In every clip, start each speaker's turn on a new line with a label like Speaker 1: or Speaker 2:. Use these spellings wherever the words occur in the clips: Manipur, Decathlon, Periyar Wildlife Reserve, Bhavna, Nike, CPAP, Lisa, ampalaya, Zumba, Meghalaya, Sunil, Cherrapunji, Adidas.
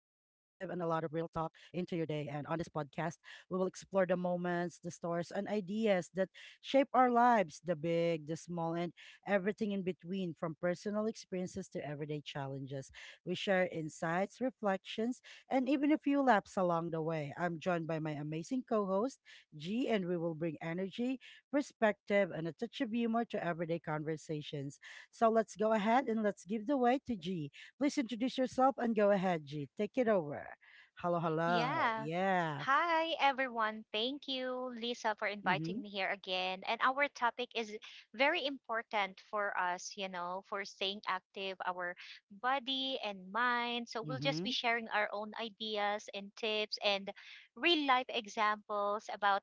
Speaker 1: talk into your day. And on this podcast, we will explore the moments, the stories, and ideas that shape our lives, the big, the small, and everything in between, from personal experiences to everyday challenges. We share insights, reflections, and even a few laps along the way. I'm joined by my amazing co host, G, and we will bring energy, perspective, and a touch of humor to everyday conversations. So let's go ahead and let's give the way to G. Please introduce yourself and go ahead, G. Take it over. Hello, hello.
Speaker 2: Yeah.
Speaker 1: Yeah.
Speaker 2: Hi, everyone. Thank you, Lisa, for
Speaker 1: Mm hmm.
Speaker 2: inviting me here again. And our topic is very important for us, for staying active, our body and mind. So
Speaker 1: Mm
Speaker 2: we'll just be
Speaker 1: hmm.
Speaker 2: sharing our own ideas and tips and real life examples about,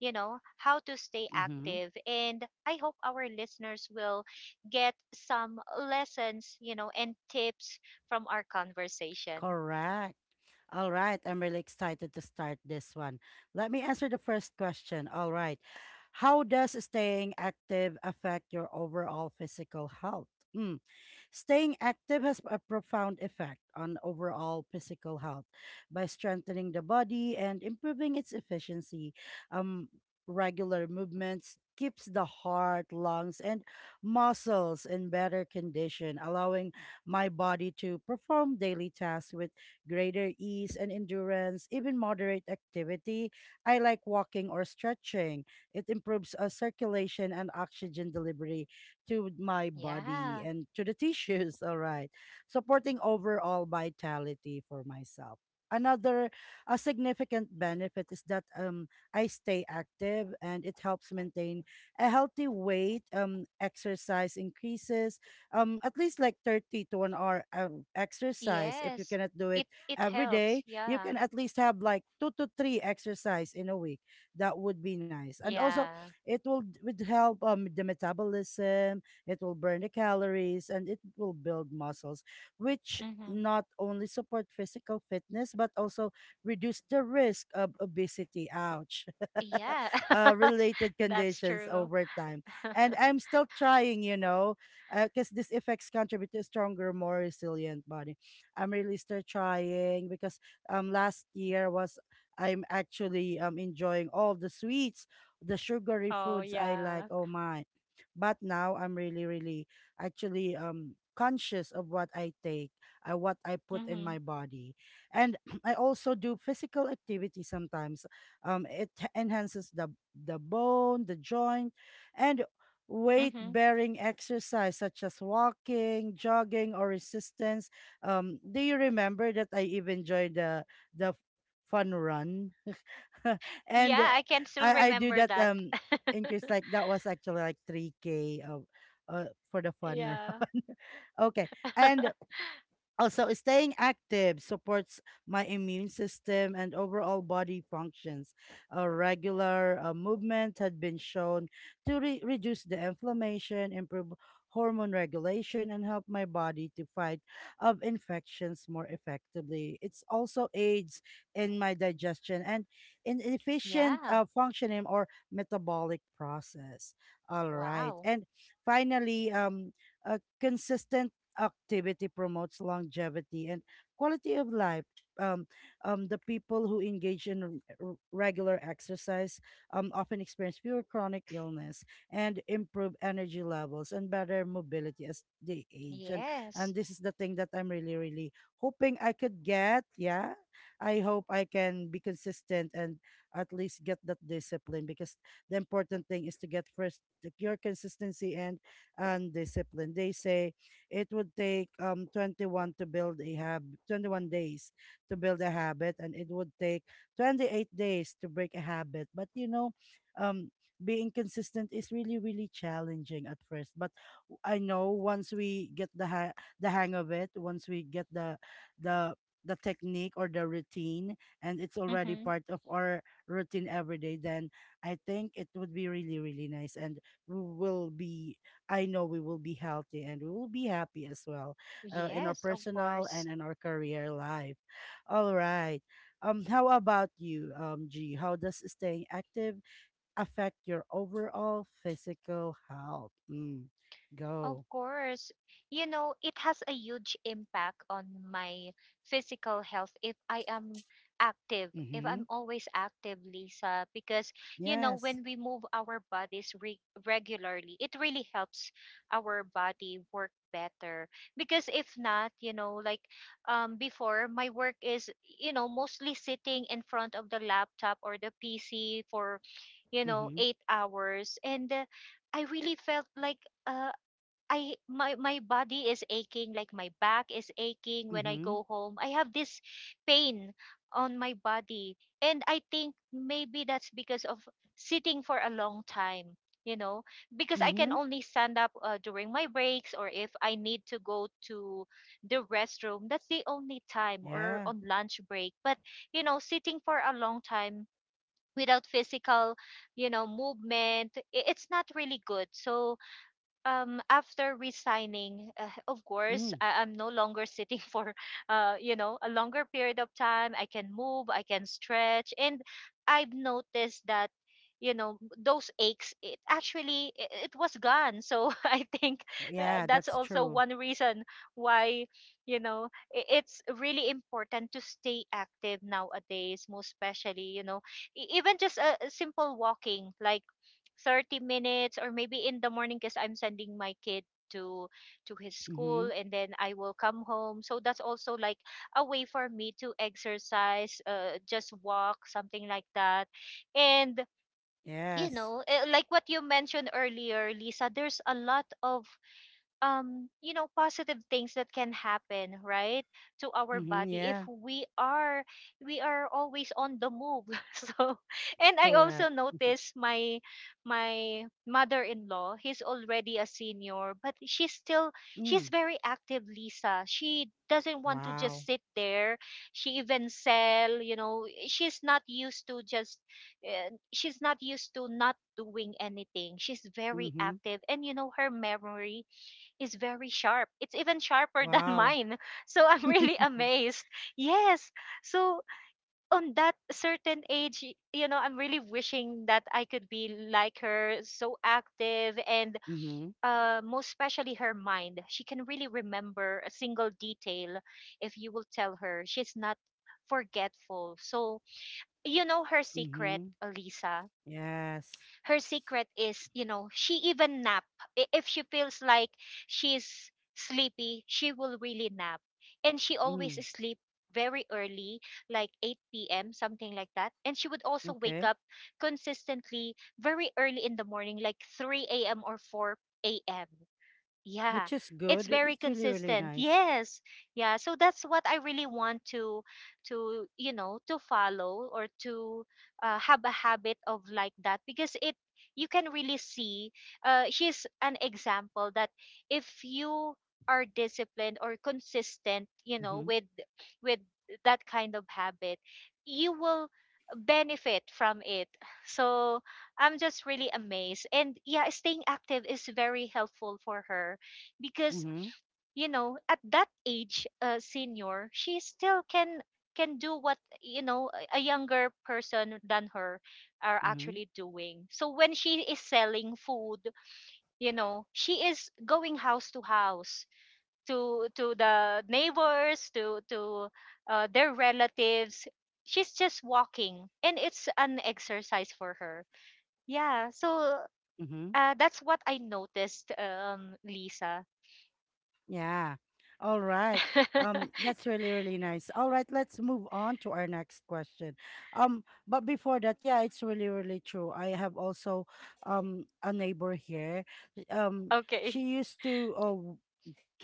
Speaker 2: how to stay
Speaker 1: Mm hmm.
Speaker 2: active. And I hope our listeners will get some lessons, and tips from our conversation.
Speaker 1: Correct. All right. I'm really excited to start this one. Let me answer the first question. All right. How does staying active affect your overall physical health? Hmm. Staying active has a profound effect on overall physical health by strengthening the body and improving its efficiency. Um, Regular movements keeps the heart, lungs, and muscles in better condition, allowing my body to perform daily tasks with greater ease and endurance, even moderate activity. I like walking or stretching. It improves circulation and oxygen delivery to my body
Speaker 2: Yeah.
Speaker 1: and to the tissues. All right. Supporting overall vitality for myself. Another a significant benefit is that I stay active and it helps maintain a healthy weight. Exercise increases at least like 30 to an hour exercise. If you
Speaker 2: Yes.
Speaker 1: cannot do it
Speaker 2: It
Speaker 1: every
Speaker 2: helps.
Speaker 1: day, you
Speaker 2: Yeah.
Speaker 1: can at least have like two to three exercise in a week. That would be nice. And also,
Speaker 2: Yeah.
Speaker 1: it will would help the metabolism, it will burn the calories, and it will build muscles, which
Speaker 2: Mhm.
Speaker 1: not only support physical fitness but also reduce the risk of obesity, ouch,
Speaker 2: Yeah.
Speaker 1: related
Speaker 2: That's
Speaker 1: conditions
Speaker 2: true.
Speaker 1: over time, and I'm still trying, you know, because these effects contribute to a stronger, more resilient body. I'm really still trying because last year was, I'm actually enjoying all the sweets, the sugary
Speaker 2: Oh,
Speaker 1: foods I like,
Speaker 2: yeah.
Speaker 1: oh my. But now I'm really, really actually conscious of what I take, what I put in
Speaker 2: Mhm.
Speaker 1: my body. And I also do physical activity sometimes. It enhances the bone, the joint, and
Speaker 2: Mhm.
Speaker 1: weight bearing exercise such as walking, jogging, or resistance. Do you remember that I even joined the fun run?
Speaker 2: Yeah,
Speaker 1: and
Speaker 2: I
Speaker 1: uh,
Speaker 2: can still
Speaker 1: I I do
Speaker 2: remember
Speaker 1: that
Speaker 2: that.
Speaker 1: increase, like that was actually like 3K of for the fun
Speaker 2: Yeah.
Speaker 1: run. Okay. And also, staying active supports my immune system and overall body functions. A regular movement had been shown to reduce the inflammation, improve hormone regulation, and help my body to fight of infections more effectively. It's also aids in my digestion and in efficient
Speaker 2: Yeah.
Speaker 1: functioning or metabolic process. All right,
Speaker 2: Wow.
Speaker 1: and finally, a consistent activity promotes longevity and quality of life. Um, the people who engage in regular exercise often experience fewer chronic illness and improve energy levels and better mobility as they age. And
Speaker 2: Yes.
Speaker 1: and this is the thing that I'm really, really hoping I could get. Yeah, I hope I can be consistent and at least get that discipline, because the important thing is to get first your consistency and discipline. They say it would take um, 21 days to build a habit, and it would take 28 days to break a habit. But, you know, um, being consistent is really, really challenging at first. But I know once we get the hang of it, once we get the the technique or the routine, and it's already
Speaker 2: Mhm.
Speaker 1: part of our routine every day, then I think it would be really, really nice, and we will be, I know we will be healthy and we will be happy as well, in our
Speaker 2: Yes, of
Speaker 1: personal and
Speaker 2: course.
Speaker 1: in our career life. All right. How about you, G? How does staying active affect your overall physical health? Mm.
Speaker 2: Of
Speaker 1: Go.
Speaker 2: course. You know, it has a huge impact on my physical health if I am active, if
Speaker 1: Mm-hmm.
Speaker 2: I'm always active, Lisa, because, you know,
Speaker 1: Yes.
Speaker 2: when we move our bodies re regularly, it really helps our body work better. Because if not, you know, like before, my work is, you know, mostly sitting in front of the laptop or the PC for, you know,
Speaker 1: Mm-hmm.
Speaker 2: 8 hours. And I really felt like, uh, I my my body is aching, like my back is aching when I
Speaker 1: Mm-hmm.
Speaker 2: go home. I have this pain on my body. And I think maybe that's because of sitting for a long time, you know, because I can
Speaker 1: Mm-hmm.
Speaker 2: only stand up during my breaks or if I need to go to the restroom. That's the only time or
Speaker 1: Yeah.
Speaker 2: on lunch break. But, you know, sitting for a long time without physical, you know, movement, it's not really good. So after resigning of course
Speaker 1: Mm.
Speaker 2: I'm no longer sitting for you know a longer period of time, I can move, I can stretch, and I've noticed that, you know, those aches, it was gone. So I think
Speaker 1: Oh, yeah,
Speaker 2: that's
Speaker 1: that's
Speaker 2: also
Speaker 1: true.
Speaker 2: one reason why, you know, it's really important to stay active nowadays, most especially, you know, even just a simple walking like 30 minutes or maybe in the morning because I'm sending my kid to to his school,
Speaker 1: Mm-hmm.
Speaker 2: and then I will come home. So that's also like a way for me to exercise, just walk, something like that. And you
Speaker 1: Yes.
Speaker 2: know, eh, like what you mentioned earlier, Lisa, there's a lot of you know positive things that can happen, right, to our
Speaker 1: Mm-hmm.
Speaker 2: body if
Speaker 1: Yeah.
Speaker 2: we are we are always on the move. So and I
Speaker 1: Correct.
Speaker 2: also notice my my mother-in-law. He's already a senior, but she's still, she's
Speaker 1: Mm.
Speaker 2: very active, Lisa. She doesn't want to
Speaker 1: Wow.
Speaker 2: just sit there. She even sell, you know. She's not used to just she's not used to not doing anything. She's very
Speaker 1: Mm-hmm.
Speaker 2: active, and you know, her memory is very sharp. It's even sharper than
Speaker 1: Wow.
Speaker 2: mine. So I'm really amazed. Yes. So on that certain age, you know, I'm really wishing that I could be like her, so active, and
Speaker 1: Mm-hmm.
Speaker 2: most especially her mind. She can really remember a single detail if you will tell her. She's not forgetful. So, you know, her secret,
Speaker 1: Mm-hmm.
Speaker 2: Lisa,
Speaker 1: Yes.
Speaker 2: her secret is, you know, she even nap. If she feels like she's sleepy, she will really nap. And she always
Speaker 1: Mm.
Speaker 2: sleep very early, like 8 p.m., something like that. And she would also wake
Speaker 1: Okay.
Speaker 2: up consistently very early in the morning, like 3 a.m. or 4 a.m. Yeah,
Speaker 1: Which is
Speaker 2: it's
Speaker 1: good.
Speaker 2: very
Speaker 1: It's really, really
Speaker 2: consistent.
Speaker 1: nice.
Speaker 2: Yes. Yeah, so that's what I really want to, you know, to follow or to have a habit of like that because it, you can really see she's an example that if you are disciplined or consistent, you know,
Speaker 1: Mm-hmm.
Speaker 2: with that kind of habit, you will benefit from it. So I'm just really amazed. And yeah, staying active is very helpful for her because,
Speaker 1: Mm-hmm.
Speaker 2: you know, at that age, senior, she still can do what, you know, a younger person than her are
Speaker 1: Mm-hmm.
Speaker 2: actually doing. So when she is selling food, you know, she is going house to house to the neighbors, to their relatives, she's just walking, and it's an exercise for her. Yeah, so
Speaker 1: Mm-hmm.
Speaker 2: that's what I noticed, Lisa.
Speaker 1: Yeah. All right. That's really, really nice. All right, let's move on to our next question. But before that, yeah, it's really, really true. I have also a neighbor here. Um,
Speaker 2: Okay.
Speaker 1: she used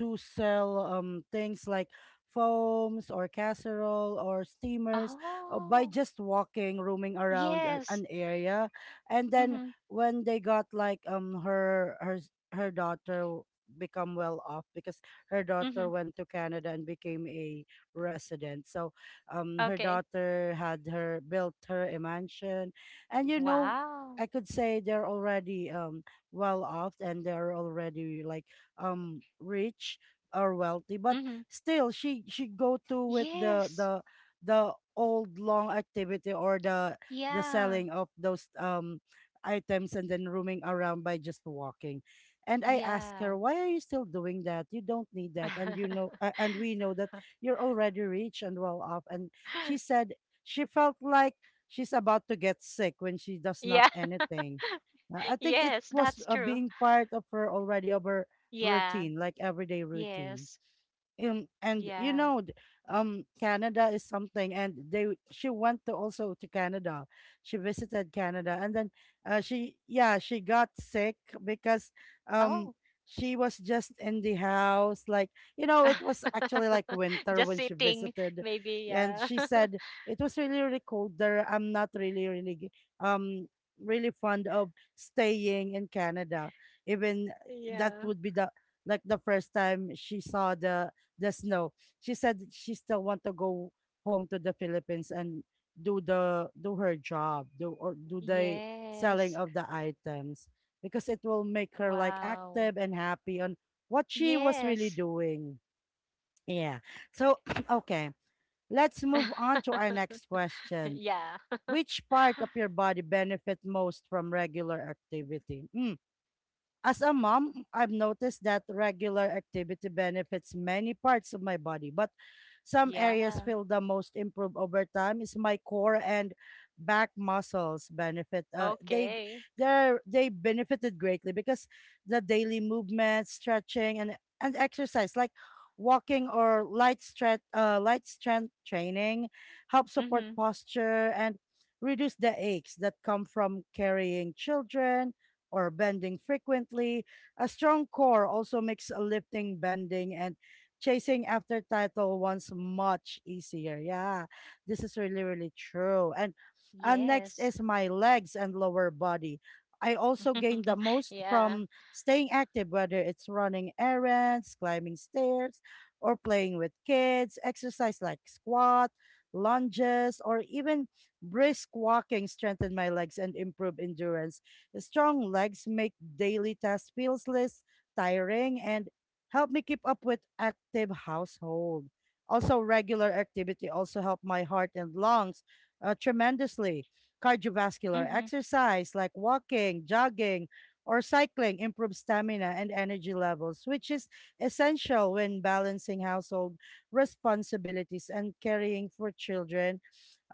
Speaker 1: to sell things like foams or casserole or steamers, by
Speaker 2: Oh,
Speaker 1: just walking, roaming around
Speaker 2: yes.
Speaker 1: an area, and then
Speaker 2: Mm-hmm.
Speaker 1: when they got like her daughter become well off because her
Speaker 2: Mm-hmm.
Speaker 1: daughter went to Canada and became a resident. So her
Speaker 2: Okay.
Speaker 1: daughter had her built her a mansion, and, you know,
Speaker 2: Wow.
Speaker 1: I could say they're already well off and they're already like rich or wealthy, but
Speaker 2: Mm-hmm.
Speaker 1: still she go to with the
Speaker 2: Yes.
Speaker 1: the the old long activity or the
Speaker 2: Yeah.
Speaker 1: selling of those items, and then roaming around by just walking. And I ask
Speaker 2: Yeah.
Speaker 1: her, why are you still doing that? You don't need that, and, you know, and we know that you're already rich and well off. And she said she felt like she's about to get sick when she does not
Speaker 2: Yeah.
Speaker 1: anything. Uh, I think it
Speaker 2: Yes,
Speaker 1: was,
Speaker 2: that's true.
Speaker 1: being part of her already of her
Speaker 2: Yeah.
Speaker 1: routine, like everyday routine.
Speaker 2: Yes.
Speaker 1: And you
Speaker 2: Yeah.
Speaker 1: know Canada is something, and she went to also to Canada, she visited Canada, and then, she, yeah, she got sick because um
Speaker 2: Oh.
Speaker 1: she was just in the house. Like, you know, it was actually like winter
Speaker 2: Just
Speaker 1: when she
Speaker 2: sitting,
Speaker 1: visited.
Speaker 2: maybe.
Speaker 1: And
Speaker 2: Yeah.
Speaker 1: she said it was really, really cold there. I'm not really, really um really fond of staying in Canada, even that
Speaker 2: Yeah.
Speaker 1: would be the like the first time she saw the snow. She said she still want to go home to the Philippines and do the do her job, do or do the selling
Speaker 2: Yes.
Speaker 1: of the items, because it will make her like
Speaker 2: Wow.
Speaker 1: active and happy on what she was really
Speaker 2: Yes.
Speaker 1: doing. Yeah. So, okay, let's move on to our next question.
Speaker 2: Yeah.
Speaker 1: Which part of your body benefit most from regular activity? Hmm. As a mom, I've noticed that regular activity benefits many parts of my body, but some areas
Speaker 2: Yeah.
Speaker 1: feel the most improved over time is my core and back muscles benefit. Uh, they
Speaker 2: Okay.
Speaker 1: they they benefited greatly because the daily movement, stretching, and exercise like walking or light stretch, light strength training, help support
Speaker 2: Mm-hmm.
Speaker 1: posture and reduce the aches that come from carrying children or bending frequently. A strong core also makes lifting, bending, and chasing after title ones much easier. Yeah, this is really, really true. And, next
Speaker 2: Yes.
Speaker 1: is my legs and lower body. I also gain the most
Speaker 2: Yeah.
Speaker 1: from staying active, whether it's running errands, climbing stairs, or playing with kids. Exercise like squat, lunges, or even brisk walking strengthen my legs and improve endurance. Strong legs make daily tasks feel less tiring and help me keep up with active household. Also, regular activity also help my heart and lungs, tremendously. Cardiovascular
Speaker 2: Mm-hmm.
Speaker 1: exercise like walking, jogging, or cycling improves stamina and energy levels, which is essential when balancing household responsibilities and caring for children.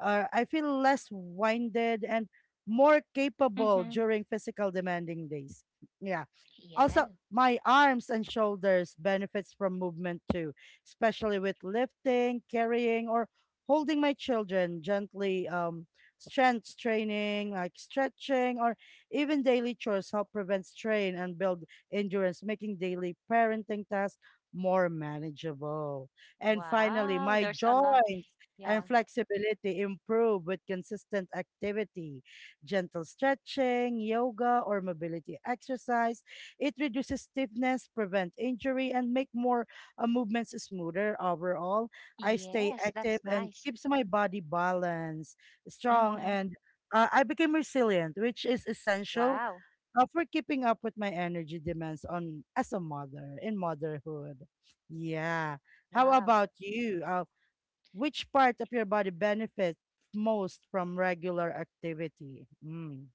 Speaker 1: I feel less winded and more capable
Speaker 2: Mm-hmm.
Speaker 1: during physical demanding days. Yeah.
Speaker 2: Yeah.
Speaker 1: Also, my arms and shoulders benefits from movement too, especially with lifting, carrying, or holding my children gently. Strength training, like stretching, or even daily chores help prevent strain and build endurance, making daily parenting tasks more manageable. And finally,
Speaker 2: Wow.
Speaker 1: my
Speaker 2: There's a lot.
Speaker 1: joints and
Speaker 2: Yeah.
Speaker 1: flexibility improve with consistent activity, gentle stretching, yoga, or mobility exercise. It reduces stiffness, prevent injury, and make more, movements smoother overall. I stay
Speaker 2: Yes.
Speaker 1: active
Speaker 2: That's
Speaker 1: and
Speaker 2: nice.
Speaker 1: keeps my body balanced, strong,
Speaker 2: Mm-hmm.
Speaker 1: and, I became resilient, which is essential,
Speaker 2: Wow.
Speaker 1: for keeping up with my energy demands on as a mother in motherhood. Yeah. How
Speaker 2: Wow.
Speaker 1: about you? Which part of your body benefits most from regular activity? Mm.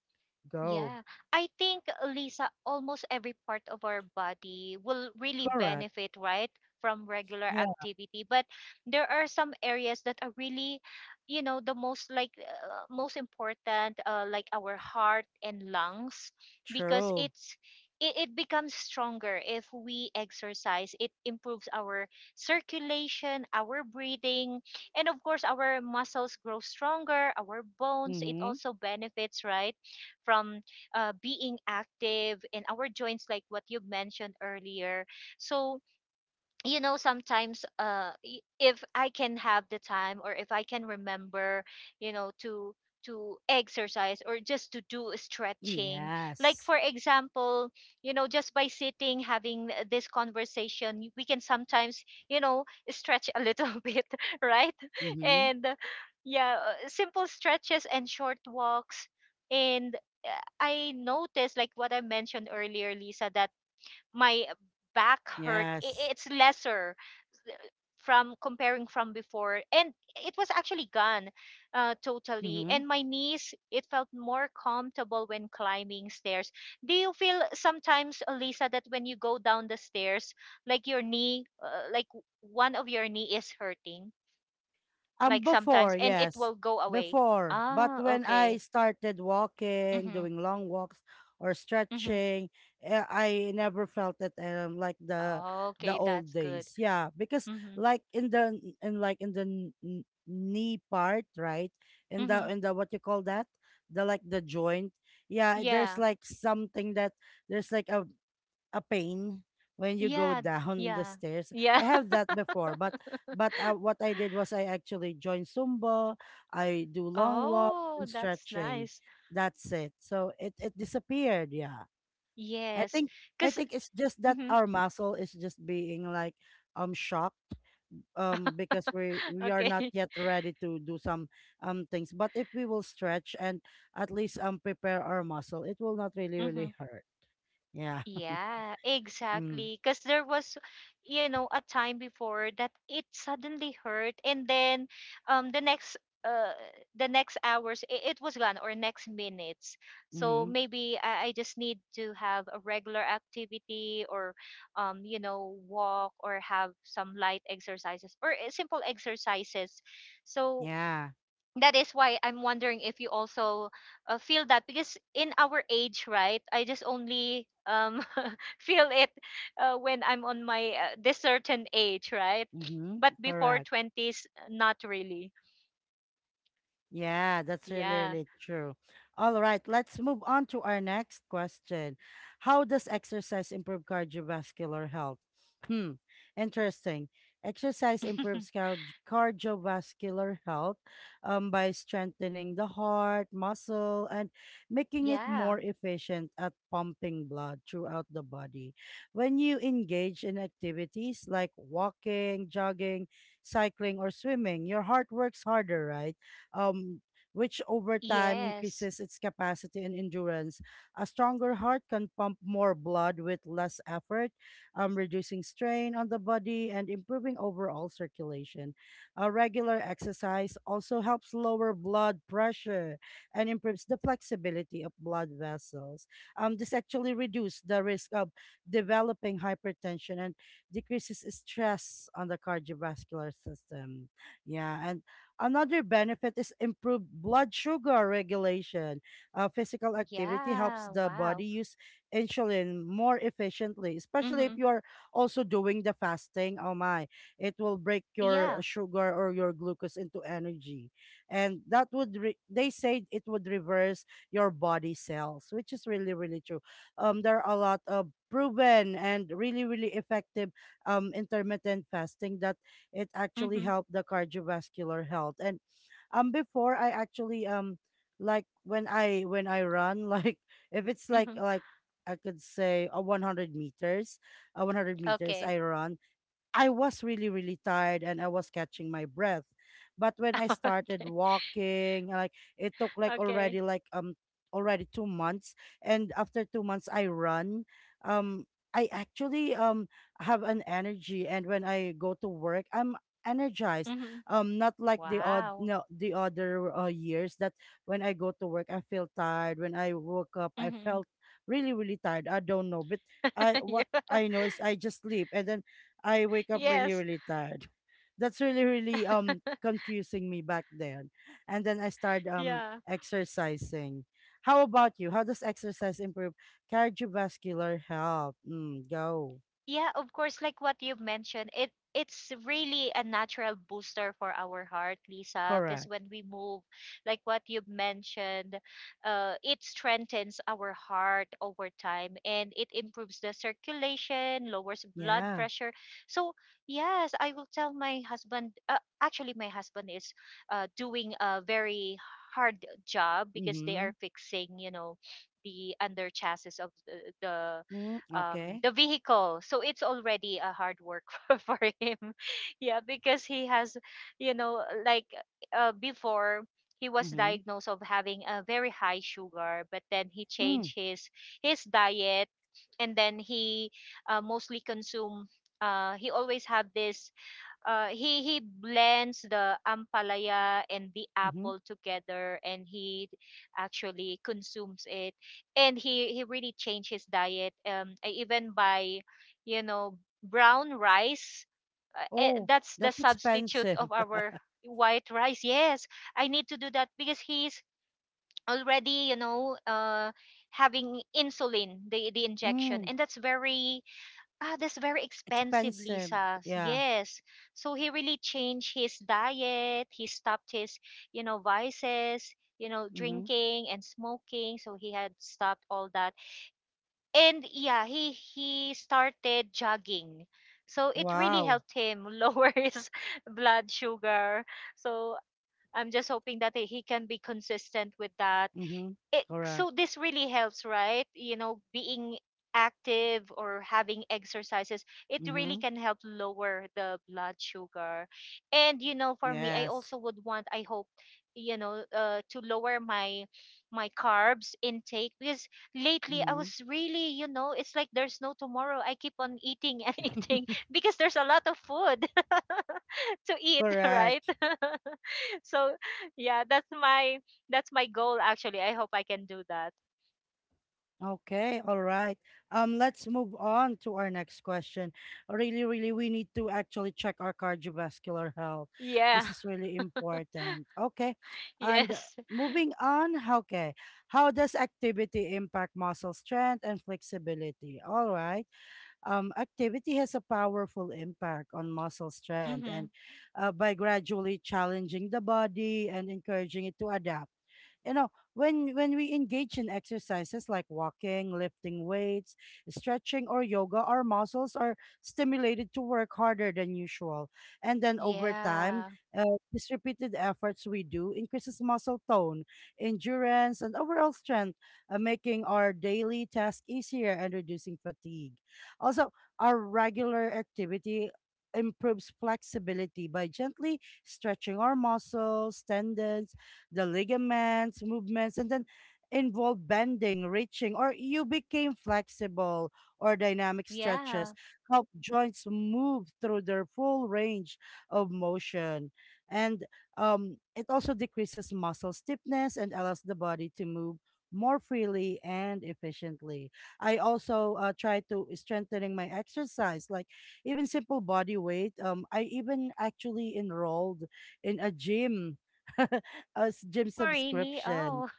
Speaker 1: Go.
Speaker 2: Yeah, I think Lisa, almost every part of our body will really
Speaker 1: Correct.
Speaker 2: benefit, right, from regular
Speaker 1: Yeah,
Speaker 2: activity. But there are some areas that are really, you know, the most like most important, like our heart and lungs, because
Speaker 1: true.
Speaker 2: it becomes stronger if we exercise. It improves our circulation, our breathing, and of course, our muscles grow stronger, our bones. It
Speaker 1: Mm-hmm.
Speaker 2: also benefits, right, from being active in our joints, like what you mentioned earlier. So, you know, sometimes if I can have the time or if I can remember, you know, to exercise or just to do stretching, like
Speaker 1: Yes.
Speaker 2: for example, you know, just by sitting having this conversation, we can sometimes, you know, stretch a little bit, right?
Speaker 1: Mm-hmm.
Speaker 2: And yeah simple stretches and short walks, and uh, I noticed, like what I mentioned earlier, Lisa, that my back hurt,
Speaker 1: Yes.
Speaker 2: it's lesser from comparing from before, and it was actually gone totally.
Speaker 1: Mm-hmm.
Speaker 2: And my knees, it felt more comfortable when climbing stairs. Do you feel sometimes, Elisa, that when you go down the stairs, like your knee like one of your knee is hurting, like
Speaker 1: Before,
Speaker 2: sometimes, and it
Speaker 1: yes,
Speaker 2: will go away?
Speaker 1: before. But
Speaker 2: Ah,
Speaker 1: when I
Speaker 2: okay.
Speaker 1: started walking,
Speaker 2: Mhm.
Speaker 1: doing long walks or
Speaker 2: Mhm.
Speaker 1: stretching, eh, I never felt it, like the
Speaker 2: Okay,
Speaker 1: old
Speaker 2: that's good.
Speaker 1: days. Yeah, because
Speaker 2: Mhm.
Speaker 1: like in in like in knee part, right?
Speaker 2: Mhm.
Speaker 1: In the what you call that? The like the joint. Yeah, there's
Speaker 2: Yeah.
Speaker 1: like something that there's like a pain when you go
Speaker 2: Yeah.
Speaker 1: down the
Speaker 2: Yeah.
Speaker 1: stairs.
Speaker 2: Yeah.
Speaker 1: I have that before, but what I did was I actually joined Zumba. I do long walk
Speaker 2: Oh,
Speaker 1: and
Speaker 2: that's
Speaker 1: stretching.
Speaker 2: nice.
Speaker 1: That's it. So it disappeared. Yeah, I
Speaker 2: Yes.
Speaker 1: think I
Speaker 2: Because
Speaker 1: think it's just that our muscle is just being like shocked because we are not
Speaker 2: okay.
Speaker 1: yet ready to do some things. But if we will stretch and at least prepare our muscle, it will not really
Speaker 2: Hmm.
Speaker 1: really hurt. Yeah.
Speaker 2: Yeah,
Speaker 1: Mm-hmm.
Speaker 2: exactly. Because there was, you know, a time before that it suddenly hurt, and then, um, the next, uh, the next hours, it was gone, or next minutes. So maybe I just need to have a regular activity, or, you know, walk, or have some light exercises, or simple exercises. So
Speaker 1: Yeah.
Speaker 2: that is why I'm wondering if you also feel that because in our age, right? I just only feel it when I'm on my this certain age, right?
Speaker 1: Mhm.
Speaker 2: But before
Speaker 1: Correct.
Speaker 2: twenties, not really.
Speaker 1: Yeah, that's really,
Speaker 2: Yeah,
Speaker 1: really true. All right, let's move on to our next question. How does exercise improve cardiovascular health? Hmm, interesting. Exercise improves cardiovascular health by strengthening the heart, muscle, and making it
Speaker 2: yeah,
Speaker 1: more efficient at pumping blood throughout the body. When you engage in activities like walking, jogging, cycling, or swimming, your heart works harder, right? um, which over time
Speaker 2: yes,
Speaker 1: increases its capacity and endurance. A stronger heart can pump more blood with less effort, reducing strain on the body and improving overall circulation. A regular exercise also helps lower blood pressure and improves the flexibility of blood vessels. This actually reduces the risk of developing hypertension and decreases stress on the cardiovascular system. Yeah, and Another benefit is improved blood sugar regulation. Physical activity helps
Speaker 2: yeah.
Speaker 1: the
Speaker 2: Wow.
Speaker 1: body use insulin more efficiently, especially if
Speaker 2: Mm-hmm.
Speaker 1: you are also doing the fasting. Oh my, it will break your
Speaker 2: Yeah.
Speaker 1: sugar or your glucose into energy. And that would, they say it would reverse your body cells, which is really, really true. There are a lot of proven and really, really effective intermittent fasting that it actually
Speaker 2: Mm-hmm.
Speaker 1: helped the cardiovascular health. And before I actually like when I run like if it's like
Speaker 2: Mm-hmm.
Speaker 1: like I could say a 100 meters
Speaker 2: Okay.
Speaker 1: I run. I was really, really tired and I was catching my breath. But when I started
Speaker 2: Okay.
Speaker 1: walking, like it took
Speaker 2: Okay.
Speaker 1: like already 2 months. And after 2 months I run. Um I actually have an energy, and when I go to work I'm energized.
Speaker 2: Mm-hmm.
Speaker 1: Not like the odd,
Speaker 2: Wow.
Speaker 1: no, the other years that when I go to work I feel tired. When I woke up I
Speaker 2: Mm-hmm.
Speaker 1: felt really, really tired. I don't know. But I,
Speaker 2: Yeah.
Speaker 1: what I know is I just sleep and then I wake up really,
Speaker 2: Yes.
Speaker 1: really tired. That's really, really confusing me back then. And then I started
Speaker 2: Yeah.
Speaker 1: exercising. How about you? How does exercise improve cardiovascular health? Mm, go.
Speaker 2: Yeah, of course, like what you've mentioned, it's really a natural booster for our heart, Lisa, because
Speaker 1: Correct.
Speaker 2: when we move, like what you've mentioned, it strengthens our heart over time, and it improves the circulation, lowers blood
Speaker 1: Yeah.
Speaker 2: pressure. So, yes, I will tell my husband, actually, my husband is doing a very hard job because they
Speaker 1: Mm-hmm.
Speaker 2: are fixing, you know, the under chassis of the, the
Speaker 1: Mm,
Speaker 2: um,
Speaker 1: okay.
Speaker 2: the vehicle. So it's already a hard work for him. Yeah, because he has, you know, like before, he was
Speaker 1: Mm-hmm.
Speaker 2: diagnosed of having a very high sugar, but then he
Speaker 1: Mm,
Speaker 2: changed his diet, and then he mostly consume. He always have this he blends the ampalaya and the
Speaker 1: mm-hmm.
Speaker 2: apple together, and he actually consumes it, and he really changed his diet. Um, I even by, you know, brown rice,
Speaker 1: Oh,
Speaker 2: that's the
Speaker 1: that's
Speaker 2: substitute
Speaker 1: expensive.
Speaker 2: of our white rice. Yes, I need to do that because he's already, you know, having insulin, the injection,
Speaker 1: Mm,
Speaker 2: and that's very, ah, that's very expensive,
Speaker 1: expensive.
Speaker 2: Lisa.
Speaker 1: Yeah.
Speaker 2: Yes. So he really changed his diet. He stopped his, you know, vices, you know,
Speaker 1: Mm-hmm.
Speaker 2: drinking and smoking. So he had stopped all that. And yeah, he started jogging. So it really
Speaker 1: Wow.
Speaker 2: helped him lower his blood sugar. So I'm just hoping that he can be consistent with that.
Speaker 1: Mm-hmm.
Speaker 2: It,
Speaker 1: Correct.
Speaker 2: so this really helps, right, you know, being active or having exercises, it really
Speaker 1: Mm-hmm.
Speaker 2: can help lower the blood sugar. And you know, for me, I
Speaker 1: Yes.
Speaker 2: also would want, I hope, you know, to lower my my carbs intake because lately I
Speaker 1: Mm-hmm.
Speaker 2: was really, you know, it's like there's no tomorrow, I keep on eating and eating because there's a lot of food to eat, right?
Speaker 1: Correct.
Speaker 2: So yeah, that's my, that's my goal actually. I hope I can do that.
Speaker 1: Okay, all right. Let's move on to our next question. Really, really, we need to actually check our cardiovascular health.
Speaker 2: Yeah.
Speaker 1: This is really important. Okay, and
Speaker 2: Yes.
Speaker 1: moving on. Okay, how does activity impact muscle strength and flexibility? All right, activity has a powerful impact on muscle strength and
Speaker 2: Mhm.
Speaker 1: by gradually challenging the body and encouraging it to adapt, you know, when we engage in exercises like walking, lifting weights, stretching, or yoga, our muscles are stimulated to work harder than usual. And then over time,
Speaker 2: Yeah.
Speaker 1: uh, these repeated efforts we do increases muscle tone, endurance, and overall strength, making our daily task easier and reducing fatigue. Also, our regular activity improves flexibility by gently stretching our muscles, tendons, the ligaments, movements, and then involve bending, reaching, or you became flexible or dynamic stretches
Speaker 2: Yeah.
Speaker 1: help joints move through their full range of motion. And it also decreases muscle stiffness and allows the body to move more freely and efficiently. I also try to strengthening my exercise, like even simple body weight. I even actually enrolled in a gym, a gym
Speaker 2: Oh, really?
Speaker 1: subscription.
Speaker 2: Oh.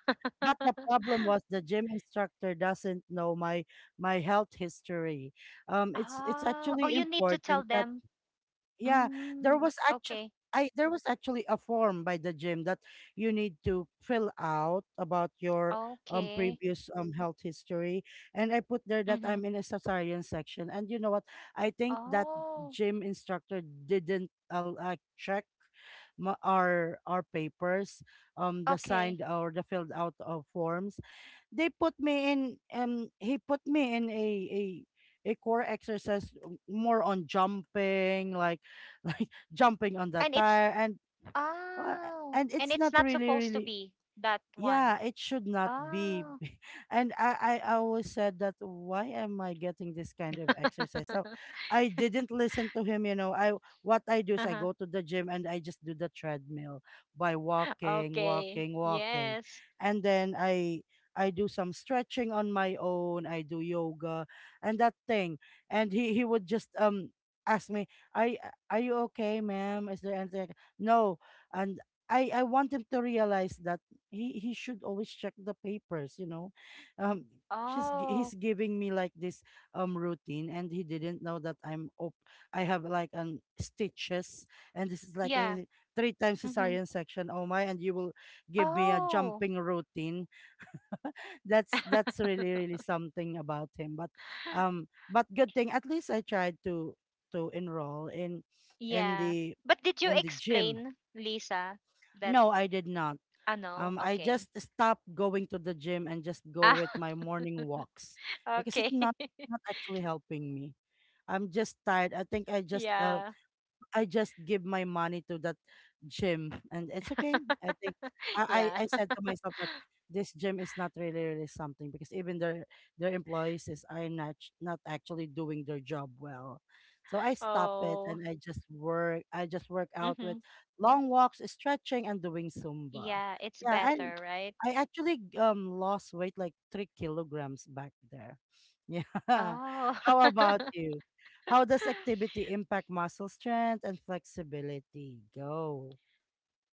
Speaker 1: But the problem was the gym instructor doesn't know my health history. It's
Speaker 2: Ah. Oh,
Speaker 1: actually
Speaker 2: you need to tell
Speaker 1: important that
Speaker 2: them.
Speaker 1: yeah, there
Speaker 2: Mm,
Speaker 1: was actually
Speaker 2: okay.
Speaker 1: I there was actually a form by the gym that you need to fill out about your
Speaker 2: Okay.
Speaker 1: previous health history. And I put there that
Speaker 2: Mm-hmm.
Speaker 1: I'm in a cesarean section. And you know what? I think that
Speaker 2: Oh,
Speaker 1: gym instructor didn't check our papers, the
Speaker 2: okay.
Speaker 1: signed or the filled out of forms. They put me in he put me in a a core exercise, more on jumping like like jumping on the
Speaker 2: And it's,
Speaker 1: tire uh,
Speaker 2: oh,
Speaker 1: and
Speaker 2: and
Speaker 1: it's
Speaker 2: it's
Speaker 1: not
Speaker 2: not
Speaker 1: really
Speaker 2: supposed to
Speaker 1: really
Speaker 2: be that one.
Speaker 1: yeah it should not be.
Speaker 2: Oh.
Speaker 1: And I always said that why am I getting this kind of exercise? So I didn't listen to him, you know. I what I do is I
Speaker 2: Uh-huh.
Speaker 1: go to the gym and I just do the treadmill by walking,
Speaker 2: Okay.
Speaker 1: walking, walking.
Speaker 2: Yes.
Speaker 1: And then I do some stretching on my own, I do yoga and that thing. And he would just ask me, "Are are you okay, ma'am? Is there anything I can-" No. And I want him to realize that he should always check the papers, you know. um he's
Speaker 2: Oh,
Speaker 1: giving me like this routine, and he didn't know that I have like stitches, and this is like
Speaker 2: yeah.
Speaker 1: a three times
Speaker 2: Mhm.
Speaker 1: cesarean section. Oh my, and you will give me a
Speaker 2: Oh.
Speaker 1: jumping routine. That's really really something about him. But but good thing at least I tried to enroll in
Speaker 2: Yeah.
Speaker 1: the
Speaker 2: But did you
Speaker 1: in the gym.
Speaker 2: explain, Lisa, that
Speaker 1: No, I did not.
Speaker 2: ano,
Speaker 1: I
Speaker 2: okay.
Speaker 1: just stopped going to the gym and just go
Speaker 2: Ah,
Speaker 1: with my morning walks, because it's
Speaker 2: okay.
Speaker 1: not, it's not actually helping me. I'm just tired. I think
Speaker 2: Yeah.
Speaker 1: I just give my money to that gym and it's okay. I think
Speaker 2: Yeah.
Speaker 1: I said to myself that this gym is not really really something because even their employees is are not not actually doing their job well. So I stop it,
Speaker 2: Oh.
Speaker 1: and I just work out
Speaker 2: Hmm.
Speaker 1: with long walks, stretching, and doing Zumba.
Speaker 2: Yeah, it's
Speaker 1: Yeah,
Speaker 2: better, right?
Speaker 1: I actually lost weight like 3 kilograms back there. Yeah.
Speaker 2: Oh.
Speaker 1: How about you? How does activity impact muscle strength and flexibility? Go.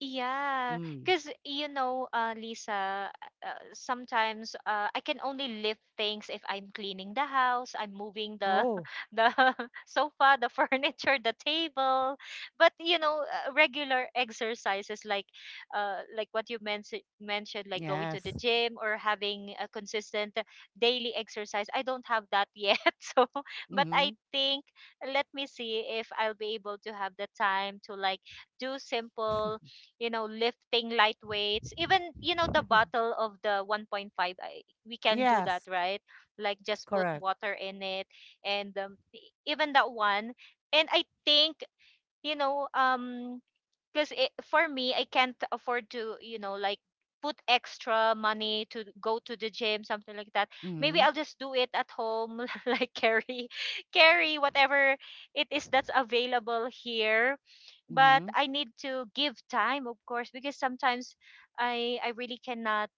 Speaker 2: Yeah,
Speaker 1: Mm.
Speaker 2: because Lisa, sometimes I can only lift things if I'm cleaning the house, I'm moving the
Speaker 1: Oh.
Speaker 2: the sofa, the furniture, the table. But regular exercises like what you mentioned, like going to the
Speaker 1: Yes.
Speaker 2: gym or having a consistent daily exercise. I don't have that yet, so but
Speaker 1: Mm-hmm.
Speaker 2: I think, let me see if I'll be able to have the time to like do simple, lifting light weights, even, the bottle of the 1.5, we can do that,
Speaker 1: Yes.
Speaker 2: right? Like just put
Speaker 1: Correct.
Speaker 2: water in it, and even that one. And I think, you know, um, because for me, I can't afford to like put extra money to go to the gym, something like that. Maybe
Speaker 1: Mm-hmm.
Speaker 2: I'll just do it at home, like carry whatever it is that's available here. But
Speaker 1: Mm-hmm.
Speaker 2: I need to give time, of course, because sometimes I really cannot,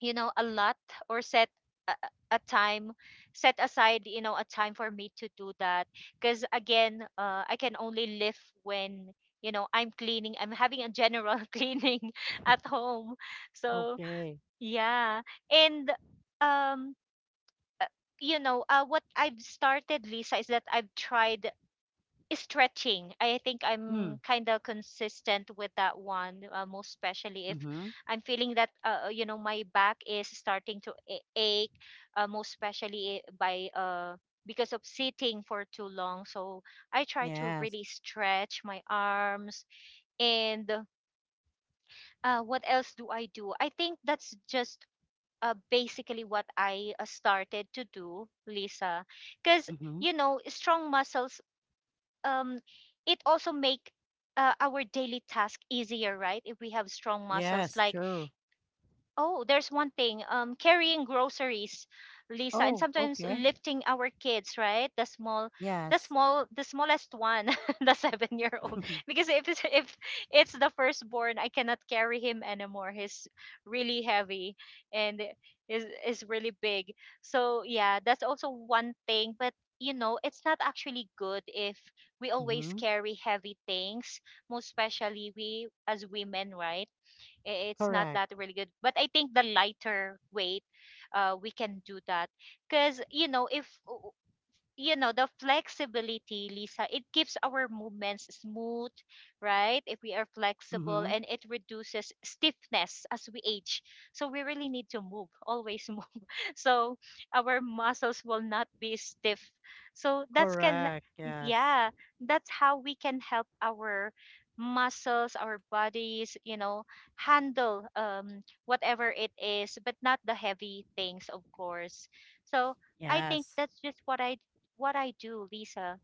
Speaker 2: a lot, or set a time, set aside a time for me to do that. Because again, I can only live when I'm cleaning, I'm having a general cleaning at home, so
Speaker 1: Okay.
Speaker 2: yeah. And um uh, what I've started, Lisa, is that I've tried stretching. I think I'm
Speaker 1: Mm.
Speaker 2: kind of consistent with that one, most especially if
Speaker 1: Mm-hmm.
Speaker 2: I'm feeling that my back is starting to ache, most especially I- by because of sitting for too long. So I try to really
Speaker 1: Yes.
Speaker 2: stretch my arms. And what else do I do? I think that's just basically what I started to do, Lisa, because,
Speaker 1: Mm-hmm.
Speaker 2: strong muscles, um, it also make our daily task easier, right? If we have strong muscles,
Speaker 1: Yes.
Speaker 2: like.
Speaker 1: True.
Speaker 2: Oh, there's one thing. Carrying groceries, Lisa, and
Speaker 1: Oh.
Speaker 2: sometimes
Speaker 1: Okay.
Speaker 2: lifting our kids, right? The small, the
Speaker 1: Yes.
Speaker 2: small, the smallest one, the 7-year-old. Because if it's the firstborn, I cannot carry him anymore. He's really heavy, and is really big. So yeah, that's also one thing. But it's not actually good if we always
Speaker 1: Mm-hmm.
Speaker 2: carry heavy things, most especially we as women, right? It's not
Speaker 1: Correct.
Speaker 2: that really good, but I think the lighter weight, we can do that. Because if the flexibility, Lisa, it keeps our movements smooth, right? If we are flexible,
Speaker 1: Mm-hmm.
Speaker 2: and it reduces stiffness as we age, so we really need to move always, move, so our muscles will not be stiff, so that's can.
Speaker 1: Correct. Yes.
Speaker 2: Yeah, that's how we can help our muscles, our bodies, handle whatever it is, but not the heavy things, of course, so I think
Speaker 1: Yes.
Speaker 2: that's just what I do, Lisa.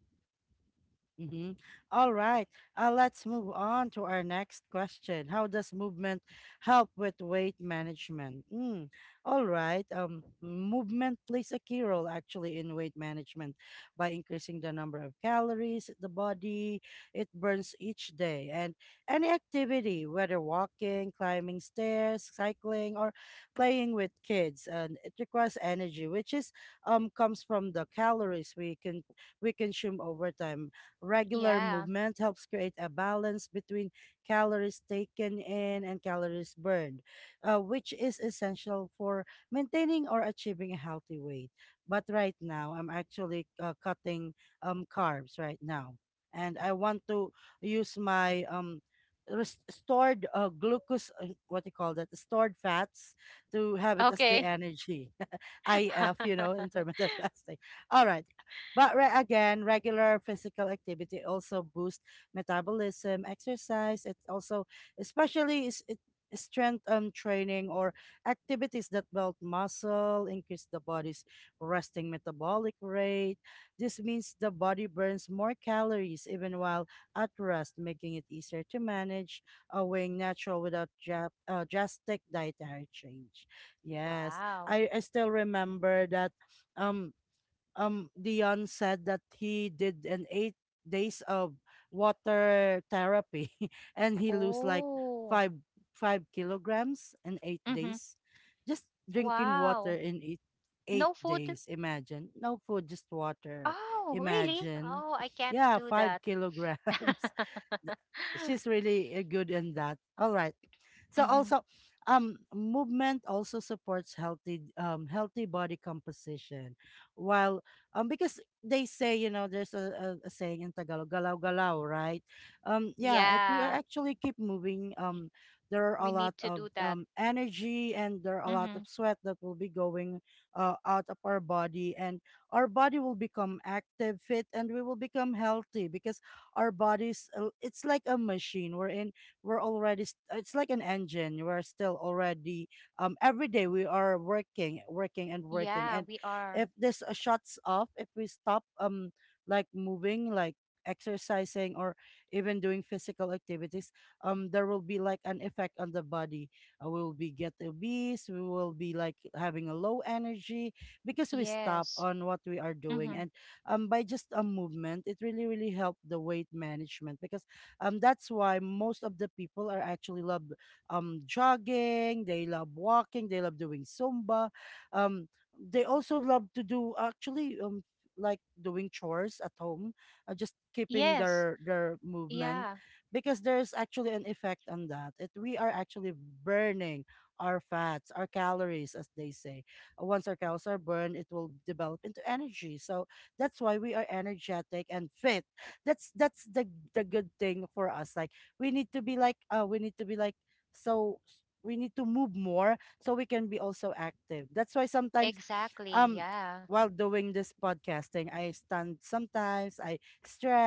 Speaker 1: Mm-hmm. All right. Let's move on to our next question. How does movement help with weight management? Mm. All right. Movement plays a key role actually in weight management by increasing the number of calories the body it burns each day, and any activity, whether walking, climbing stairs, cycling, or playing with kids, and it requires energy, which is comes from the calories we can we consume over time. Regular
Speaker 2: Yeah.
Speaker 1: movement helps create a balance between calories taken in and calories burned, which is essential for maintaining or achieving a healthy weight. But right now, I'm actually cutting carbs right now. And I want to use my stored glucose, what you call that, stored fats to have it as the
Speaker 2: Okay.
Speaker 1: energy. IF, you know, intermittent fasting. All right. But again, regular physical activity also boosts metabolism, exercise. It also, especially, is it strength training or activities that build muscle, increase the body's resting metabolic rate. This means the body burns more calories even while at rest, making it easier to manage weighing natural without drastic dietary change. Yes,
Speaker 2: Wow.
Speaker 1: I still remember that. Um, Dion said that he did an 8 days of water therapy and he lose like
Speaker 2: Oh.
Speaker 1: five five kilograms in eight
Speaker 2: Hmm.
Speaker 1: days. Just drinking water
Speaker 2: Wow.
Speaker 1: in eight
Speaker 2: No food.
Speaker 1: days, imagine. No food, just water.
Speaker 2: Oh, really?
Speaker 1: Imagine.
Speaker 2: Oh, I can't
Speaker 1: Yeah,
Speaker 2: do
Speaker 1: five
Speaker 2: that.
Speaker 1: kilograms th- she's really good in that. All right. So
Speaker 2: Hmm.
Speaker 1: also, movement also supports healthy healthy body composition, while because they say you know there's a saying in Tagalog galaw galaw, right, yeah, if we are
Speaker 2: Yeah.
Speaker 1: actually keep moving,
Speaker 2: Y-
Speaker 1: there are
Speaker 2: We
Speaker 1: a lot
Speaker 2: need to
Speaker 1: of
Speaker 2: do that.
Speaker 1: energy and there are a lot of
Speaker 2: Hmm.
Speaker 1: sweat that will be going out of our body. And our body will become active fit and we will become healthy because our bodies, it's like a machine we're in we're already it's like an engine we're still already every day we are working, working, and working.
Speaker 2: Yeah,
Speaker 1: And
Speaker 2: we are.
Speaker 1: if this shuts off, if we stop like moving, like exercising or even doing physical activities, there will be like an effect on the body. We will be get obese, we will be like having a low energy because we stop
Speaker 2: Yes.
Speaker 1: on what we are doing. And
Speaker 2: Hmm.
Speaker 1: by just a movement, it really, really helped the weight management because that's why most of the people are actually love jogging, they love walking, they love doing Zumba. Um, they also love to do actually like doing chores at home, just keeping
Speaker 2: Yes.
Speaker 1: their movement
Speaker 2: Yeah.
Speaker 1: because there's actually an effect on that. It We are actually burning our fats, our calories, as they say. Once our calories are burned, it will develop into energy. So that's why we are energetic and fit. That's the good thing for us. Like we need to be like we need to be like we need to move more so we can be also active. That's why sometimes
Speaker 2: Exactly.
Speaker 1: um
Speaker 2: Yeah.
Speaker 1: while doing this podcasting, I stand, sometimes I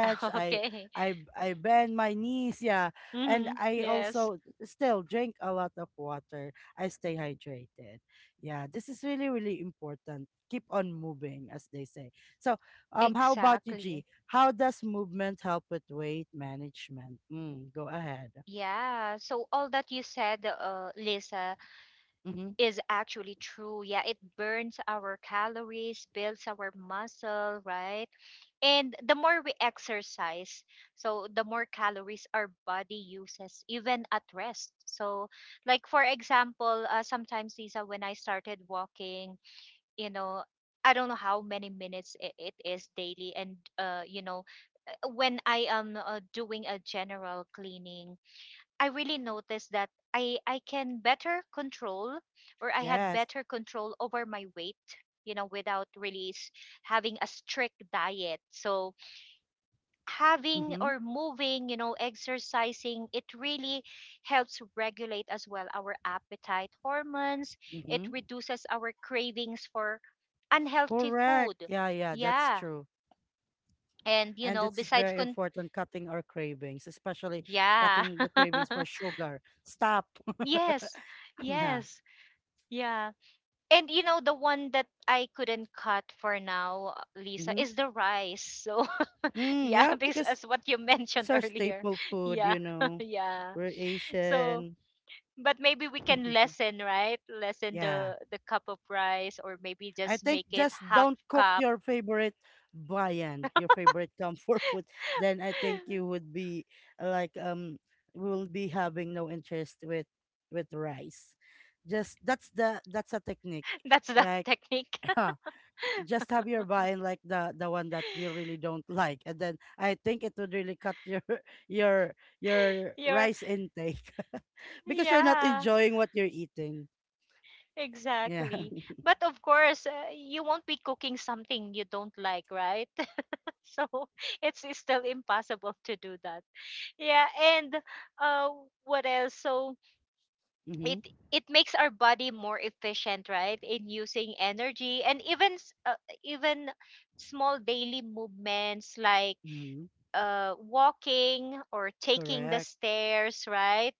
Speaker 1: i
Speaker 2: Okay.
Speaker 1: i i bend my knees, yeah. And
Speaker 2: Hmm.
Speaker 1: I
Speaker 2: Yes.
Speaker 1: also still drink a lot of water, I stay hydrated. Yeah, this is really, really important. Keep on moving, as they say. So how about you,
Speaker 2: Exactly.
Speaker 1: G? How does movement help with weight management? Mm, go ahead.
Speaker 2: Yeah, so all that you said, Lisa,
Speaker 1: Mm-hmm.
Speaker 2: is actually true. Yeah, it burns our calories, builds our muscle, right? And the more we exercise, so the more calories our body uses, even at rest. So, like for example, sometimes, Lisa, when I started walking, you know, I don't know how many minutes it is daily, and when I am doing a general cleaning, I really noticed that I can better control, or I had
Speaker 1: Yes.
Speaker 2: better control over my weight, without really having a strict diet. So having
Speaker 1: Mm-hmm.
Speaker 2: or moving, exercising, it really helps regulate as well our appetite hormones. It
Speaker 1: Mm-hmm.
Speaker 2: reduces our cravings for unhealthy
Speaker 1: Correct.
Speaker 2: food.
Speaker 1: Yeah, yeah, that's
Speaker 2: Yeah.
Speaker 1: true.
Speaker 2: And
Speaker 1: And this is
Speaker 2: besides
Speaker 1: very
Speaker 2: con
Speaker 1: important, cutting our cravings, especially
Speaker 2: yeah.
Speaker 1: cutting the cravings for sugar. Stop.
Speaker 2: Yes.
Speaker 1: Yeah.
Speaker 2: Yes. Yeah. And the one that I couldn't cut for now, Lisa,
Speaker 1: Mm-hmm.
Speaker 2: is the rice. So
Speaker 1: Mm,
Speaker 2: yeah,
Speaker 1: yeah,
Speaker 2: this
Speaker 1: because
Speaker 2: as what you
Speaker 1: it's
Speaker 2: mentioned
Speaker 1: our
Speaker 2: earlier.
Speaker 1: staple food,
Speaker 2: Yeah.
Speaker 1: you know.
Speaker 2: Yeah.
Speaker 1: We're
Speaker 2: So
Speaker 1: Asian.
Speaker 2: but maybe we can lessen, right? Lessen
Speaker 1: Yeah.
Speaker 2: the cup of rice, or maybe
Speaker 1: I
Speaker 2: just
Speaker 1: think
Speaker 2: make it
Speaker 1: just
Speaker 2: half
Speaker 1: don't cook
Speaker 2: cup.
Speaker 1: your favorite viand, your favorite comfort food. Then I think you would be like will be having no interest with rice. Just That's the that's a technique.
Speaker 2: That's the
Speaker 1: Like
Speaker 2: technique.
Speaker 1: just have your viand, like the one that you really don't like, and then I think it would really cut your your your
Speaker 2: You're
Speaker 1: rice intake because you're not
Speaker 2: Yeah,
Speaker 1: enjoying what you're eating. Yeah.
Speaker 2: exactly. But of course, you won't be cooking something you don't like, right? So it's still impossible to do that. Yeah. And uh, what else? So it
Speaker 1: Mm-hmm.
Speaker 2: it makes our body more efficient, right, in using energy. And even small daily movements like
Speaker 1: Mm-hmm.
Speaker 2: walking or taking the
Speaker 1: Correct.
Speaker 2: stairs, right?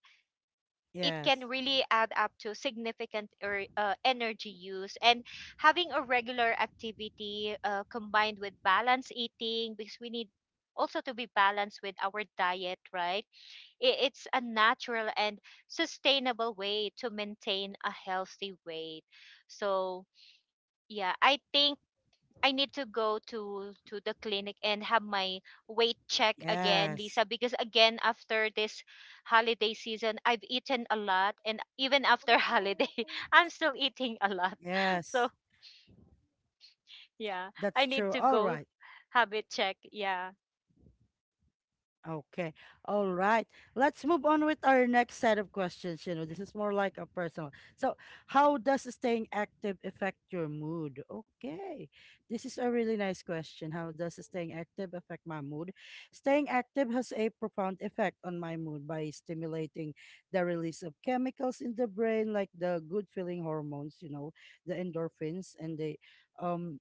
Speaker 2: It
Speaker 1: Yes.
Speaker 2: can really add up to significant energy use. And having a regular activity, combined with balanced eating, because we need also to be balanced with our diet, right? It's a natural and sustainable way to maintain a healthy weight. So, yeah, I think I need to go to the clinic and have my weight check again,
Speaker 1: Yes.
Speaker 2: Lisa, because again after this holiday season, I've eaten a lot. And even after holiday, I'm still eating a lot.
Speaker 1: Yes.
Speaker 2: So, yeah,
Speaker 1: That's
Speaker 2: I need
Speaker 1: true.
Speaker 2: to
Speaker 1: All
Speaker 2: go
Speaker 1: right.
Speaker 2: have it check. Yeah.
Speaker 1: Okay. All right. Let's move on with our next set of questions. You know, this is more like a personal. So, how does staying active affect your mood? Okay. This is a really nice question. How does staying active affect my mood? Staying active has a profound effect on my mood by stimulating the release of chemicals in the brain, like the good feeling hormones, you know, the endorphins and the um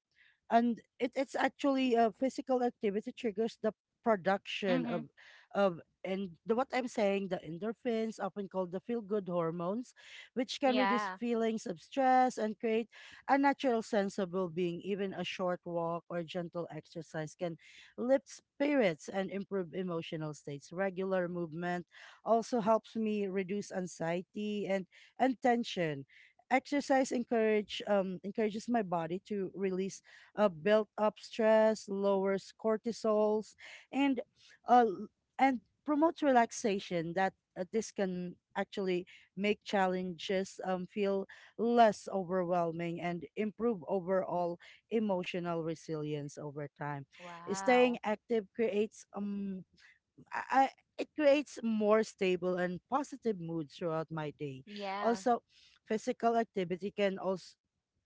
Speaker 1: and it's actually a physical activity triggers the production
Speaker 2: Mhm.
Speaker 1: of and the, what I'm saying, the endorphins, often called the feel good hormones, which can reduce
Speaker 2: Yeah.
Speaker 1: feelings of stress and create a natural sense of well being. Even a short walk or gentle exercise can lift spirits and improve emotional states. Regular movement also helps me reduce anxiety and tension. Exercise encourage Encourages my body to release built up stress, lowers cortisols, and uh, and promotes relaxation that this can actually make challenges feel less overwhelming and improve overall emotional resilience over time. Staying
Speaker 2: Wow.
Speaker 1: active creates it creates more stable and positive moods throughout my day.
Speaker 2: Yeah.
Speaker 1: Also, physical activity can also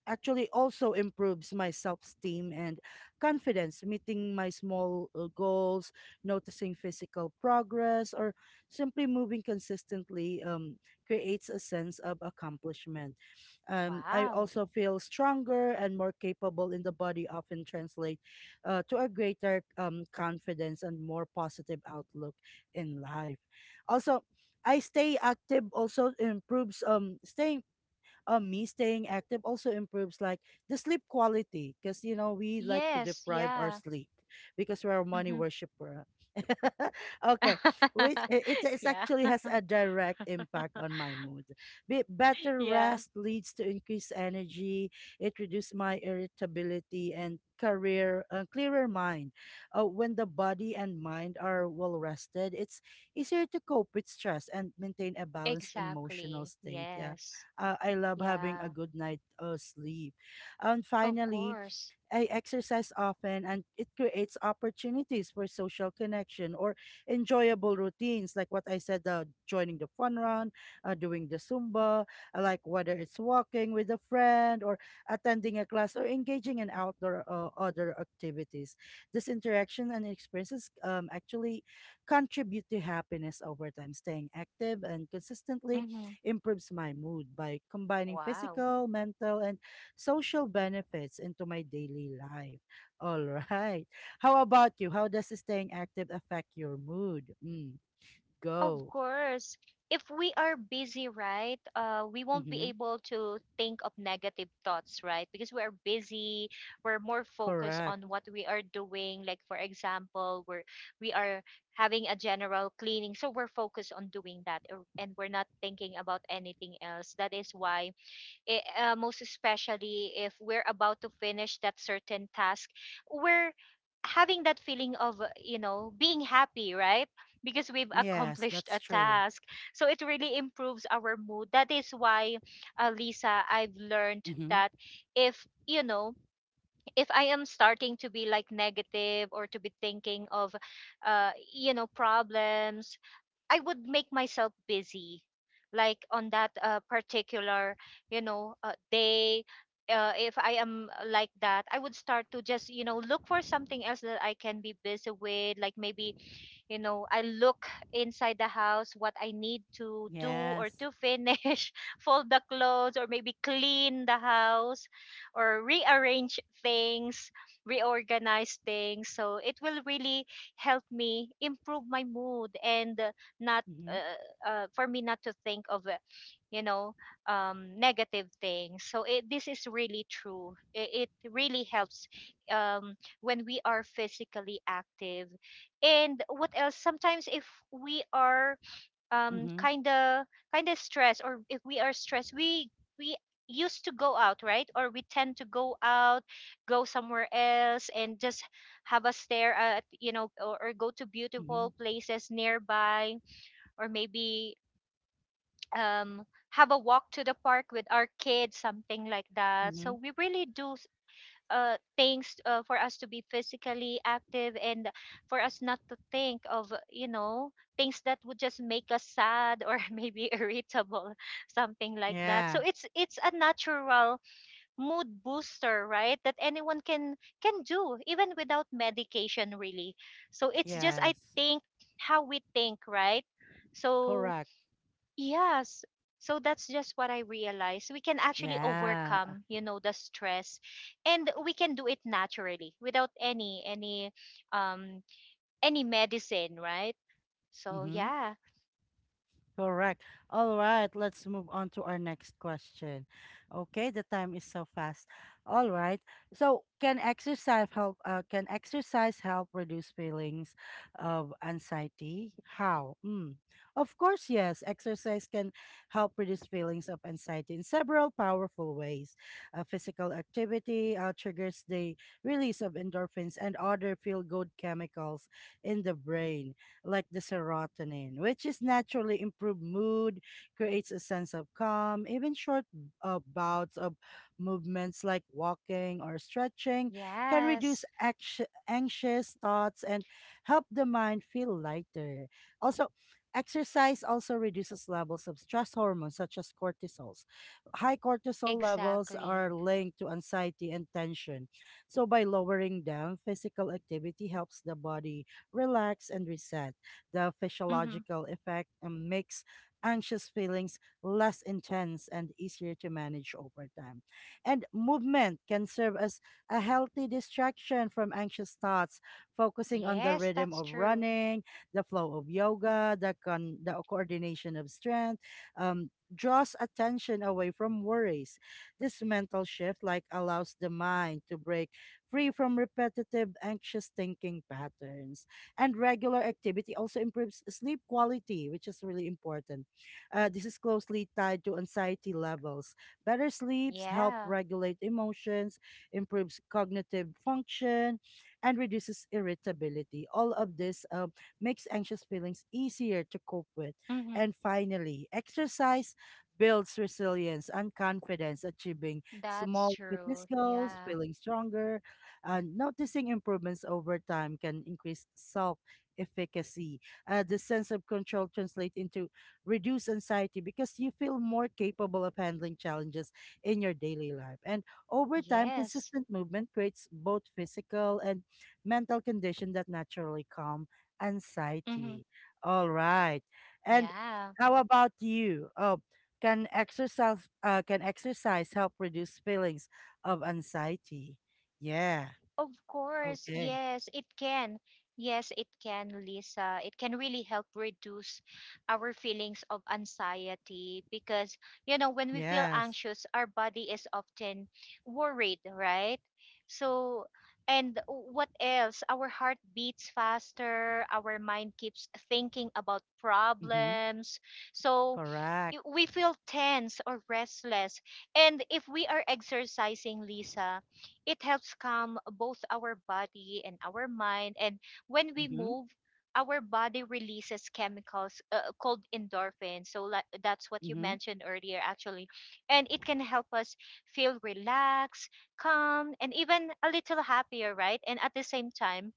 Speaker 1: actually also improves my self-esteem and confidence, meeting my small goals, noticing physical progress or simply moving consistently creates a sense of accomplishment. I
Speaker 2: Wow.
Speaker 1: also feel stronger, and more capable in the body often translate to a greater confidence and more positive outlook in life. Also, I stay active also improves staying me staying active also improves like the sleep quality, because you know we like to
Speaker 2: Yes,
Speaker 1: deprive our
Speaker 2: yeah.
Speaker 1: sleep because we're a money
Speaker 2: Mhm.
Speaker 1: worshiper. Okay, which it is
Speaker 2: Yeah.
Speaker 1: actually has a direct impact on my mood. Better
Speaker 2: Yeah,
Speaker 1: rest leads to increased energy. It reduces my irritability and career clearer mind. When the body and mind are well rested, it's easier to cope with stress and maintain a balanced emotional
Speaker 2: exactly.
Speaker 1: state. Yeah.
Speaker 2: Yes.
Speaker 1: I love having a
Speaker 2: Yeah,
Speaker 1: good night sleep. And
Speaker 2: of
Speaker 1: finally,
Speaker 2: course.
Speaker 1: I exercise often, and it creates opportunities for social connection or enjoyable routines, like what I said, joining the fun run, doing the Zumba, like whether it's walking with a friend, or attending a class, or engaging in outdoor other activities. This interaction and experiences actually contribute to happiness over time. Staying active and consistently
Speaker 2: Hmm.
Speaker 1: improves my mood by combining
Speaker 2: Wow.
Speaker 1: physical, mental, and social benefits into my daily life. All right. How about you? How does staying active affect your mood? Mm,
Speaker 2: Of
Speaker 1: go.
Speaker 2: course. If we are busy, right, we won't be
Speaker 1: Mm-hmm.
Speaker 2: able to think of negative thoughts, right? Because we are busy, we're more focused
Speaker 1: Correct.
Speaker 2: on what we are doing. Like for example, we are having a general cleaning, so we're focused on doing that, and we're not thinking about anything else. That is why, most especially if we're about to finish that certain task, we're having that feeling of being happy, right? Because we've
Speaker 1: Yes,
Speaker 2: accomplished
Speaker 1: that's
Speaker 2: a
Speaker 1: true.
Speaker 2: task, so it really improves our mood. That is why, Lisa, I've learned
Speaker 1: Mm-hmm.
Speaker 2: that if if I am starting to be like negative or to be thinking of problems, I would make myself busy, like on that particular, day. If I am like that, I would start to just, look for something else that I can be busy with, like maybe I look inside the house, what I need to do or
Speaker 1: Yes.
Speaker 2: to finish, fold the clothes, or maybe clean the house, or rearrange things, reorganize things, so it will really help me improve my mood. And not
Speaker 1: Mm-hmm.
Speaker 2: for me not to think of you know negative things. So this is really true. It really helps um, when we are physically active. And what else, sometimes if we are um
Speaker 1: Mm-hmm.
Speaker 2: kind of kind of stressed, or if we are stressed, we used to go out, right, or we tend to go out, go somewhere else, and just have a stare at, or go to
Speaker 1: Mm-hmm.
Speaker 2: beautiful places nearby, or maybe um have a walk to the park with our kids, something like that.
Speaker 1: Mm-hmm.
Speaker 2: So we really do things for us to be physically active, and for us not to think of, things that would just make us sad, or maybe irritable, something like that. So
Speaker 1: Yeah.
Speaker 2: it's a natural mood booster, right, that anyone can do even without medication, really, so it's just, I
Speaker 1: Yes.
Speaker 2: think, how we think, right, so
Speaker 1: Correct.
Speaker 2: yes. So that's just what I realized. We can actually
Speaker 1: Yeah.
Speaker 2: overcome, the stress, and we can do it naturally without um any medicine, right? So
Speaker 1: Mm-hmm.
Speaker 2: yeah.
Speaker 1: Correct. All right, let's move on to our next question. Okay, the time is so fast. All right. So, can exercise help reduce feelings of anxiety? How? Mm. Of course, yes. Exercise can help reduce feelings of anxiety in several powerful ways. Physical activity triggers the release of endorphins and other feel-good chemicals in the brain, like the serotonin, which is naturally improved mood, creates a sense of calm. Even short bouts of movements like walking or stretching can
Speaker 2: Yes.
Speaker 1: reduce anxious thoughts and help the mind feel lighter. Also, exercise also reduces levels of stress hormones such as cortisols. High cortisol levels
Speaker 2: Exactly.
Speaker 1: are linked to anxiety and tension. So by lowering them, physical activity helps the body relax and reset the
Speaker 2: Mhm.
Speaker 1: physiological effect, and makes anxious feelings less intense and easier to manage over time. And movement can serve as a healthy distraction from anxious thoughts, focusing on the
Speaker 2: Yes,
Speaker 1: rhythm
Speaker 2: that's
Speaker 1: of
Speaker 2: true.
Speaker 1: running, the flow of yoga, the coordination of strength. Draws attention away from worries. This mental shift like allows the mind to break free from repetitive anxious thinking patterns. And regular activity also improves sleep quality, which is really important. This is closely tied to anxiety levels. Better sleeps help
Speaker 2: Yeah.
Speaker 1: regulate emotions, improves cognitive function, and reduces irritability. All of this makes anxious feelings easier to cope with.
Speaker 2: Mhm.
Speaker 1: And finally, exercise builds resilience and confidence, achieving
Speaker 2: That's
Speaker 1: small fitness
Speaker 2: true.
Speaker 1: goals,
Speaker 2: Yeah.
Speaker 1: feeling stronger, and noticing improvements over time can increase self efficacy. The sense of control translates into reduced anxiety because you feel more capable of handling challenges in your daily life. And over time,
Speaker 2: Yes.
Speaker 1: consistent movement creates both physical and mental condition that naturally calm
Speaker 2: Mhm.
Speaker 1: anxiety. All right. And
Speaker 2: Yeah.
Speaker 1: how about you? Oh, can exercise help reduce feelings of anxiety? Yeah.
Speaker 2: Of course,
Speaker 1: Okay.
Speaker 2: yes, it can. Yes, it can, Lisa. It can really help reduce our feelings of anxiety, because, when we feel
Speaker 1: Yes.
Speaker 2: anxious, our body is often worried, right? So, and what else? Our heart beats faster, our mind keeps thinking about
Speaker 1: Mhm.
Speaker 2: problems. So,
Speaker 1: Correct.
Speaker 2: we feel tense or restless. And if we are exercising, Lisa, it helps calm both our body and our mind. And when we
Speaker 1: Mhm.
Speaker 2: move, our body releases chemicals, called endorphins. So like, that's what you
Speaker 1: Mhm.
Speaker 2: mentioned earlier, actually. And it can help us feel relaxed, calm, and even a little happier, right? And at the same time,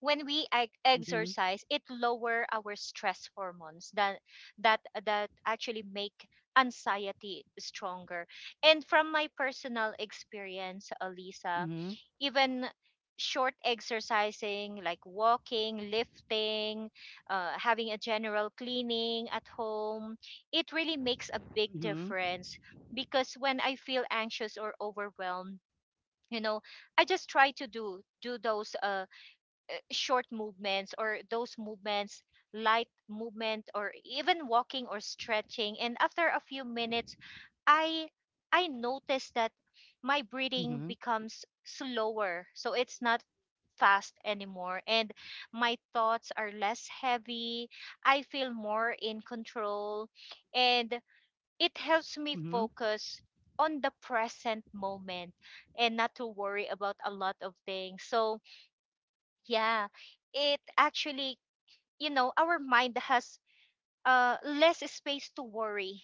Speaker 2: when we
Speaker 1: Mhm.
Speaker 2: exercise, it lower our stress hormones that that actually make anxiety stronger. And from my personal experience, Alisa,
Speaker 1: Mhm.
Speaker 2: even short exercising, like walking, lifting, having a general cleaning at home, it really makes a big
Speaker 1: Mhm.
Speaker 2: difference, because when I feel anxious or overwhelmed, you know I just try to do those short movements, or those movements, light movement, or even walking or stretching. And after a few minutes, i I notice that my breathing
Speaker 1: Mhm.
Speaker 2: becomes slower, so it's not fast anymore, and my thoughts are less heavy. I feel more in control, and it helps me
Speaker 1: Mhm.
Speaker 2: focus on the present moment, and not to worry about a lot of things. So, yeah, it actually, our mind has less space to worry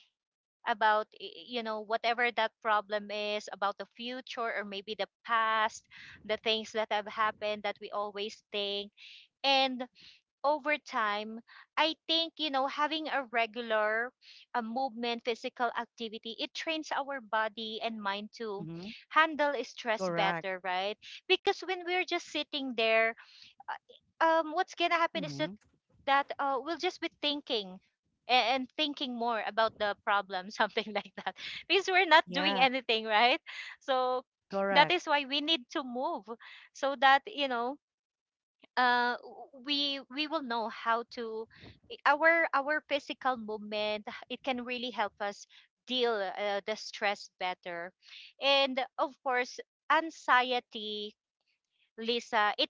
Speaker 2: about whatever that problem is about the future or maybe the past, the things that have happened that we always think. And over time, I think, having a regular movement, physical activity, it trains our body and mind to
Speaker 1: Mhm.
Speaker 2: handle stress
Speaker 1: Correct.
Speaker 2: better, right? Because when we're just sitting there, what's going to happen is that,
Speaker 1: Mhm.
Speaker 2: that uh, we'll just be thinking, and thinking more about the problem, something like that, because we're not doing
Speaker 1: Yeah.
Speaker 2: anything, right? So that
Speaker 1: Correct.
Speaker 2: is why we need to move so that, uh w- we we will know how to. Our physical movement, it can really help us deal the stress better, and of course anxiety, Lisa, it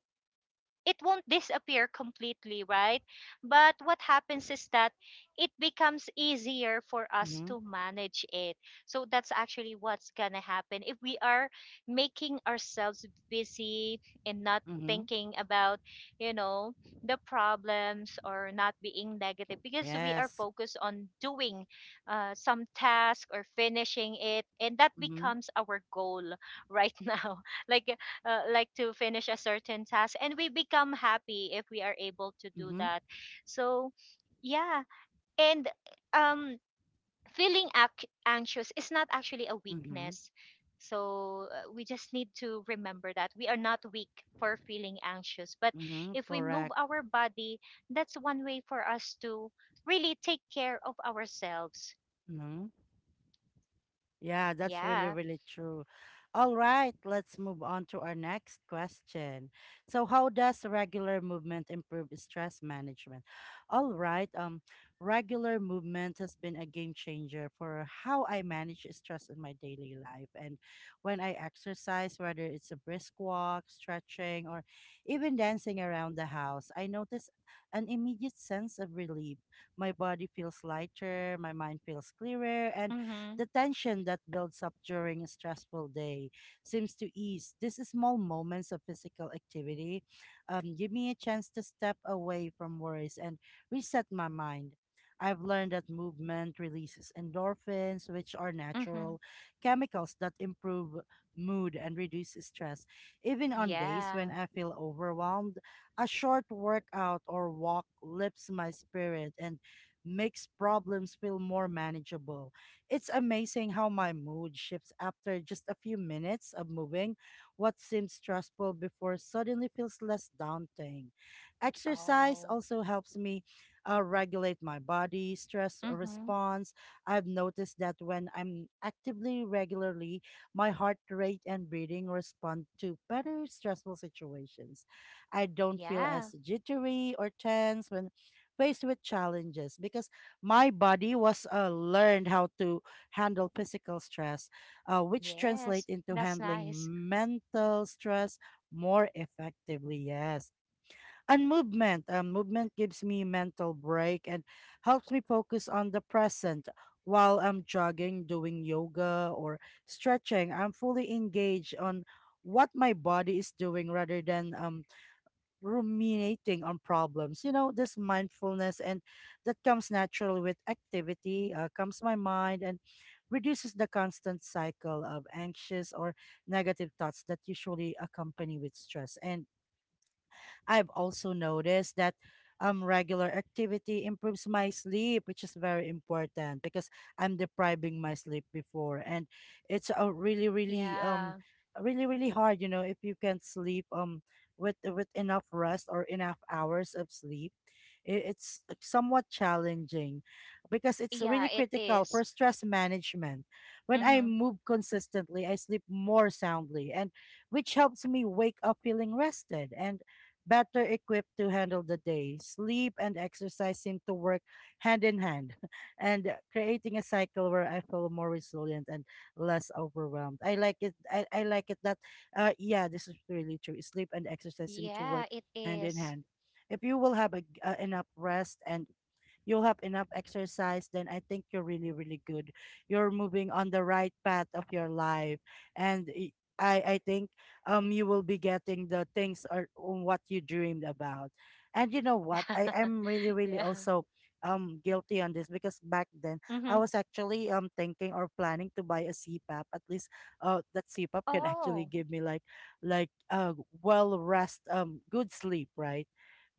Speaker 2: it won't disappear completely, right? But what happens is that it becomes easier for us
Speaker 1: Mhm.
Speaker 2: to manage it. So that's actually what's going to happen. If we are making ourselves busy and not
Speaker 1: Mhm.
Speaker 2: thinking about, you know, the problems, or not being negative because we are
Speaker 1: Yes.
Speaker 2: focused on doing some task or finishing it, and that
Speaker 1: Mhm.
Speaker 2: becomes our goal right now. Like like to finish a certain task, and we become happy if we are able to do
Speaker 1: Mhm.
Speaker 2: that. So, yeah. And um feeling anxious is not actually a
Speaker 1: Mhm.
Speaker 2: weakness. So we just need to remember that we are not weak for feeling anxious, but
Speaker 1: Mhm.
Speaker 2: if we move
Speaker 1: Correct.
Speaker 2: our body, that's one way for us to really take care of ourselves.
Speaker 1: Mhm. Yeah, that's really,
Speaker 2: Yeah.
Speaker 1: really true. All right, let's move on to our next question. So, how does regular movement improve stress management? All right, regular movement has been a game changer for how I manage stress in my daily life. And when I exercise, whether it's a brisk walk, stretching, or even dancing around the house, I notice an immediate sense of relief. My body feels lighter, my mind feels clearer, and
Speaker 2: Mhm.
Speaker 1: the tension that builds up during a stressful day seems to ease. These small moments of physical activity give me a chance to step away from worries and reset my mind. I've learned that movement releases endorphins, which are
Speaker 2: Mhm.
Speaker 1: natural chemicals that improve mood and reduce stress. Even on days when
Speaker 2: Yeah.
Speaker 1: I feel overwhelmed, a short workout or walk lifts my spirit and makes problems feel more manageable. It's amazing how my mood shifts after just a few minutes of moving. What seemed stressful before suddenly feels less daunting. Exercise
Speaker 2: Oh.
Speaker 1: also helps me regulate my body stress
Speaker 2: Mhm.
Speaker 1: response. I've noticed that when I'm actively regularly, my heart rate and breathing respond to better stressful situations. I don't feel
Speaker 2: Yeah.
Speaker 1: as jittery or tense when faced with challenges, because my body was learned how to handle physical stress, which translate
Speaker 2: Yes,
Speaker 1: into
Speaker 2: that's
Speaker 1: handling
Speaker 2: nice.
Speaker 1: mental stress more effectively. Yes, and movement. Movement gives me mental break and helps me focus on the present. While I'm jogging, doing yoga or stretching, I'm fully engaged on what my body is doing rather than ruminating on problems. You know, this mindfulness and that comes naturally with activity, comes my mind and reduces the constant cycle of anxious or negative thoughts that usually accompany with stress. And I've also noticed that regular activity improves my sleep, which is very important because I'm depriving my sleep before, and it's a really really
Speaker 2: Yeah.
Speaker 1: really really hard, you know, if you can't sleep with enough rest or enough hours of sleep. It's somewhat challenging because it's
Speaker 2: Yeah,
Speaker 1: really
Speaker 2: it
Speaker 1: critical
Speaker 2: is.
Speaker 1: for stress management. When I
Speaker 2: Mm-hmm.
Speaker 1: move consistently, I sleep more soundly, and which helps me wake up feeling rested and better equipped to handle the day. Sleep and exercise seem to work hand in hand and creating a cycle where I feel more resilient and less overwhelmed. I like it. I like it that, yeah, this is really true. Sleep and exercise seem to
Speaker 2: Yeah,
Speaker 1: work
Speaker 2: it
Speaker 1: hand in
Speaker 2: is.
Speaker 1: hand. If you will have a, enough rest and you'll have enough exercise, then I think you're really, really good. You're moving on the right path of your life. And I think you will be getting the things or on what you dreamed about, and you know what, I am really, really
Speaker 2: Yeah.
Speaker 1: also guilty on this because back then
Speaker 2: Mm-hmm.
Speaker 1: I was actually thinking or planning to buy a CPAP. At least that CPAP can actually
Speaker 2: Oh,
Speaker 1: give me like like uh well rest, good sleep, right?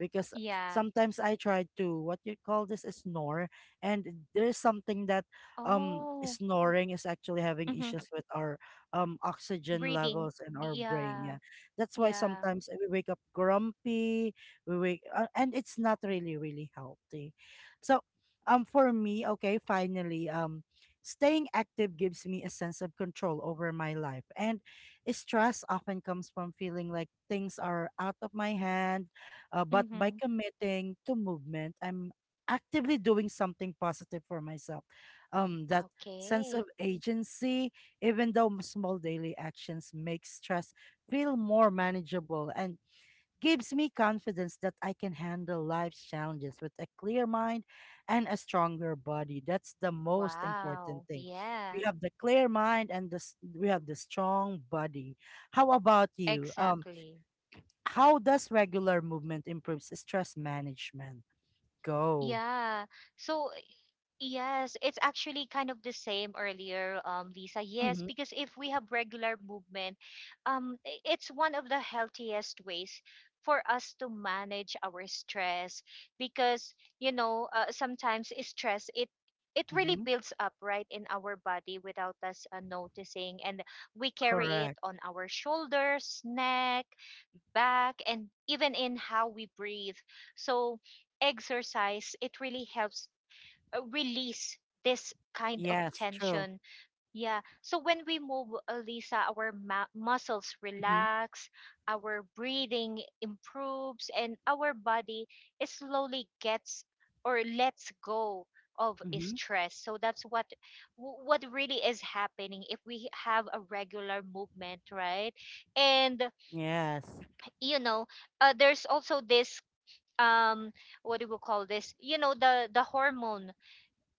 Speaker 1: Because
Speaker 2: yeah.
Speaker 1: sometimes I try to, what you call this, is snore, and there's something that,
Speaker 2: Oh,
Speaker 1: snoring is actually having
Speaker 2: mm-hmm.
Speaker 1: issues with our oxygen
Speaker 2: Breathing.
Speaker 1: levels in our brain.
Speaker 2: Yeah,
Speaker 1: Yeah. That's why
Speaker 2: yeah.
Speaker 1: sometimes we wake up grumpy, we wake and it's not really, really healthy. So, for me, okay, finally, staying active gives me a sense of control over my life. And stress often comes from feeling like things are out of my hand, but by
Speaker 2: Mm-hmm.
Speaker 1: committing to movement, I'm actively doing something positive for myself. That sense of
Speaker 2: Okay.
Speaker 1: agency, even though small daily actions make stress feel more manageable, and gives me confidence that I can handle life's challenges with a clear mind and a stronger body. That's the most important
Speaker 2: Wow.
Speaker 1: thing. We
Speaker 2: Yeah,
Speaker 1: have the clear mind and the, we have the strong body. How about you?
Speaker 2: exactly.
Speaker 1: How does regular movement improves stress management? Go.
Speaker 2: Yeah. So, Yes, it's actually kind of the same earlier, Lisa. Yes,
Speaker 1: Mm-hmm.
Speaker 2: because if we have regular movement, it's one of the healthiest ways for us to manage our stress because, sometimes stress, it really
Speaker 1: Mm-hmm.
Speaker 2: builds up right in our body without us noticing, and we carry it
Speaker 1: Correct.
Speaker 2: on our shoulders, neck, back, and even in how we breathe. So, exercise, it really helps release this kind of
Speaker 1: Yes, true.
Speaker 2: tension. Yeah. So when we move, Lisa, our muscles
Speaker 1: Mm-hmm.
Speaker 2: relax, our breathing improves, and our body is slowly gets or lets go of
Speaker 1: Mm-hmm.
Speaker 2: stress. So that's what really is happening if we have a regular movement, right? And
Speaker 1: Yes.
Speaker 2: you know, there's also this, um what do we call this? The hormone,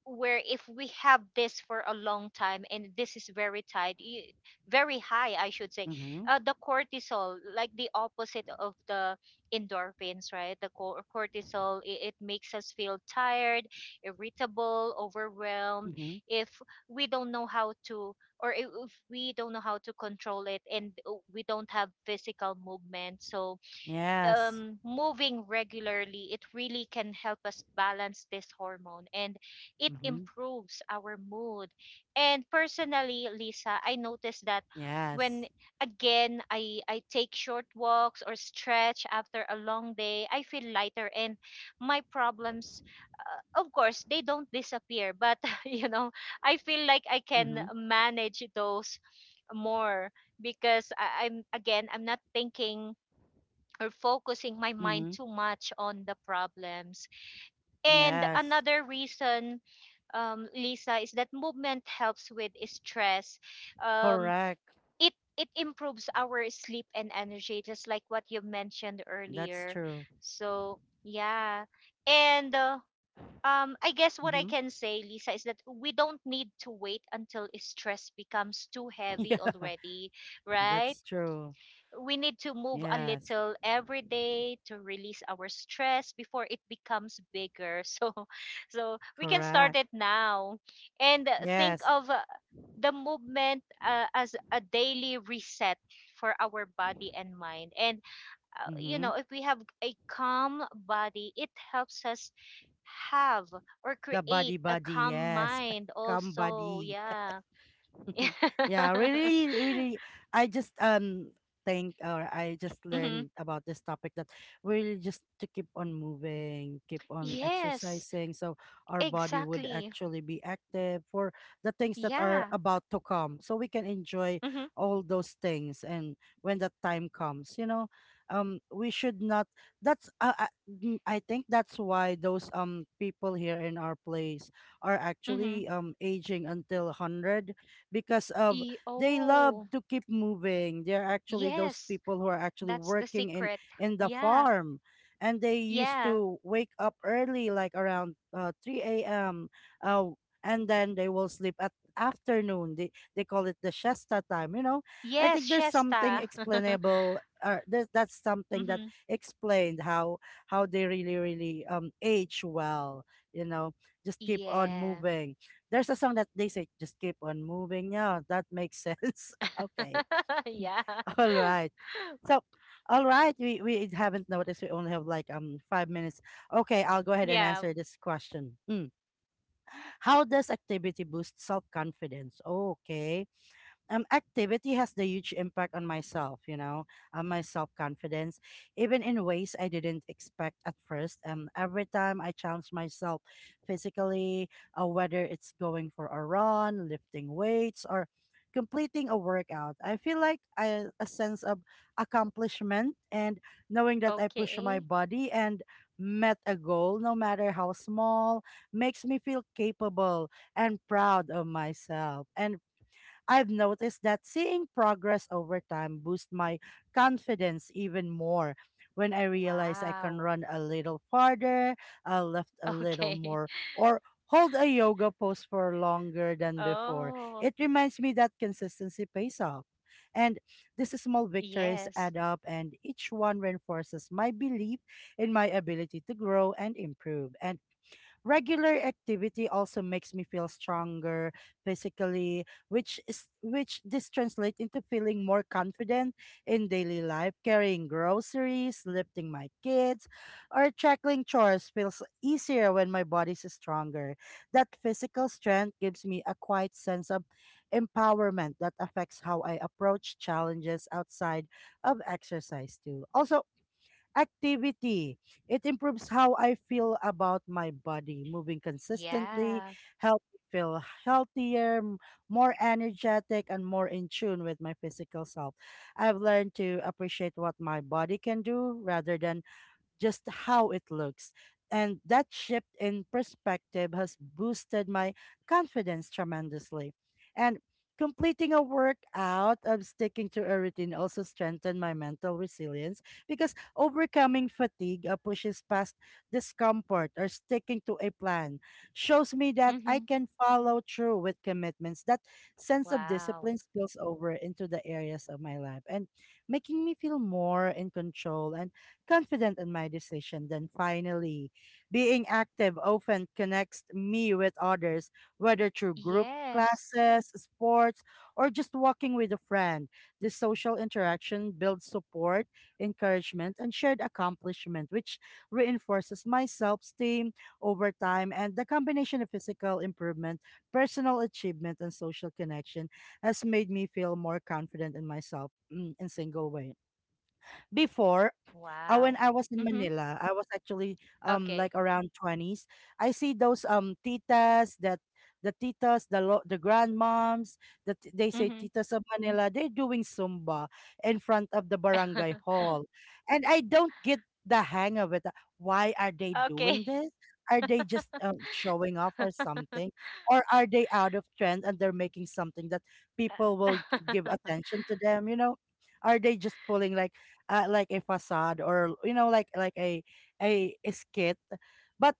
Speaker 2: where if we have this for a long time, and this is very high, I should say,
Speaker 1: Mm-hmm.
Speaker 2: the cortisol, like the opposite of the endorphins, right, the cortisol, it makes us feel tired, irritable, overwhelmed,
Speaker 1: Mm-hmm.
Speaker 2: if we don't know how to, or if we don't know how to control it, and we don't have physical movement. So,
Speaker 1: Yes.
Speaker 2: moving regularly, it really can help us balance this hormone, and it
Speaker 1: Mhm.
Speaker 2: improves our mood. And personally, Lisa, I noticed that
Speaker 1: Yes.
Speaker 2: when, again, I take short walks or stretch after a long day, I feel lighter, and my problems, of course, they don't disappear, but you know, I feel like I can
Speaker 1: Mhm.
Speaker 2: manage those more because I'm not thinking or focusing my mind
Speaker 1: Mhm.
Speaker 2: too much on the problems. And
Speaker 1: Yes.
Speaker 2: another reason, Lisa, is that movement helps with stress. Um,
Speaker 1: Correct.
Speaker 2: it improves our sleep and energy, just like what you mentioned
Speaker 1: That's
Speaker 2: earlier.
Speaker 1: true.
Speaker 2: So, yeah, and. I guess what I
Speaker 1: Mhm.
Speaker 2: can say, Lisa, is that we don't need to wait until stress becomes too heavy
Speaker 1: Yeah.
Speaker 2: already, right?
Speaker 1: That's true.
Speaker 2: We need to move a
Speaker 1: Yes.
Speaker 2: little every day to release our stress before it becomes bigger. So we can start
Speaker 1: Correct.
Speaker 2: it now, and think
Speaker 1: Yes.
Speaker 2: of the movement as a daily reset for our body and mind. And
Speaker 1: Mhm.
Speaker 2: if we have a calm body, it helps us have, or
Speaker 1: The
Speaker 2: create,
Speaker 1: body
Speaker 2: a
Speaker 1: body.
Speaker 2: calm
Speaker 1: Yes.
Speaker 2: mind
Speaker 1: Come
Speaker 2: also.
Speaker 1: body.
Speaker 2: Yeah.
Speaker 1: Yeah, really, really. I just think, or I just
Speaker 2: Mhm.
Speaker 1: learned about this topic that really just to keep on moving, keep on
Speaker 2: Yes,
Speaker 1: exercising, so our body would
Speaker 2: exactly.
Speaker 1: actually be active for the things that are
Speaker 2: Yeah.
Speaker 1: about to come. So we can enjoy
Speaker 2: Mm-hmm.
Speaker 1: all those things, and when that time comes, you know, we should not. That's I think that's why those people here in our place are
Speaker 2: Mm-hmm.
Speaker 1: actually aging until 100 because of, they love
Speaker 2: Oh,
Speaker 1: to keep moving. They're actually those
Speaker 2: yes.
Speaker 1: people who are actually
Speaker 2: That's the
Speaker 1: working in
Speaker 2: secret.
Speaker 1: the
Speaker 2: Yeah.
Speaker 1: farm, and they used
Speaker 2: Yeah.
Speaker 1: to wake up early, like around 3 a.m. Uh, and then they will sleep at afternoon. They call it the shasta time. You know, I
Speaker 2: Yes,
Speaker 1: think there's something
Speaker 2: Shesta.
Speaker 1: explainable. That's something that
Speaker 2: Mm-hmm.
Speaker 1: explained how they really, really age well. You know, just keep on
Speaker 2: Yeah.
Speaker 1: moving. There's a song that they say, "Just keep on moving." Yeah, that makes sense. Okay.
Speaker 2: Yeah.
Speaker 1: All right. So, all right, we haven't noticed we only have like 5 minutes. Okay, I'll go ahead and
Speaker 2: Yeah.
Speaker 1: answer this question. Mm. How does activity boost self-confidence? Okay, activity has the huge impact on myself, you know, on my self confidence, even in ways I didn't expect at first. Every time I challenge myself physically, whether it's going for a run, lifting weights, or completing a workout, I feel like a sense of accomplishment, and knowing that I push my
Speaker 2: Okay.
Speaker 1: body and met a goal, no matter how small, makes me feel capable and proud of myself. And I've noticed that seeing progress over time boosts my confidence even more. When I realize I can
Speaker 2: Wow.
Speaker 1: run a little farther, I lift a little
Speaker 2: Okay.
Speaker 1: more, or hold a yoga pose for longer than before,
Speaker 2: Oh,
Speaker 1: it reminds me that consistency pays off. And these small victories
Speaker 2: yes.
Speaker 1: add up, and each one reinforces my belief in my ability to grow and improve. And regular activity also makes me feel stronger physically, which this translates into feeling more confident in daily life. Carrying groceries, lifting my kids, or tackling chores feels easier when my body's stronger. That physical strength gives me a quiet sense of empowerment that affects how I approach challenges outside of exercise too. Also, activity, it improves how I feel about my body. Moving consistently
Speaker 2: Yeah.
Speaker 1: helps me feel healthier, more energetic, and more in tune with my physical self. I've learned to appreciate what my body can do rather than just how it looks. And that shift in perspective has boosted my confidence tremendously. And completing a workout of sticking to a routine also strengthened my mental resilience, because overcoming fatigue, pushes past discomfort or sticking to a plan shows me that I
Speaker 2: Mm-hmm.
Speaker 1: can follow through with commitments. That sense of
Speaker 2: Wow.
Speaker 1: discipline spills over into the areas of my life, and making me feel more in control and confident in my decision. Then finally, being active often connects me with others, whether through group
Speaker 2: Yes.
Speaker 1: classes, sports, or just walking with a friend. This social interaction builds support, encouragement, and shared accomplishment, which reinforces my self esteem over time. And the combination of physical improvement, personal achievement, and social connection has made me feel more confident in myself, mm, in single way. Before, when
Speaker 2: Wow.
Speaker 1: I was in
Speaker 2: Mm-hmm.
Speaker 1: Manila, I was actually like
Speaker 2: Okay.
Speaker 1: around 20s. I see those titas that, the the grandmoms, that they say
Speaker 2: Mm-hmm.
Speaker 1: titas of Manila, they're doing Zumba in front of the barangay hall. And I don't get the hang of it. Why are they
Speaker 2: Okay.
Speaker 1: doing this? Are they just showing off or something? Or are they out of trend and they're making something that people will give attention to them? You know, are they just pulling like a facade, or you know, a a skit? But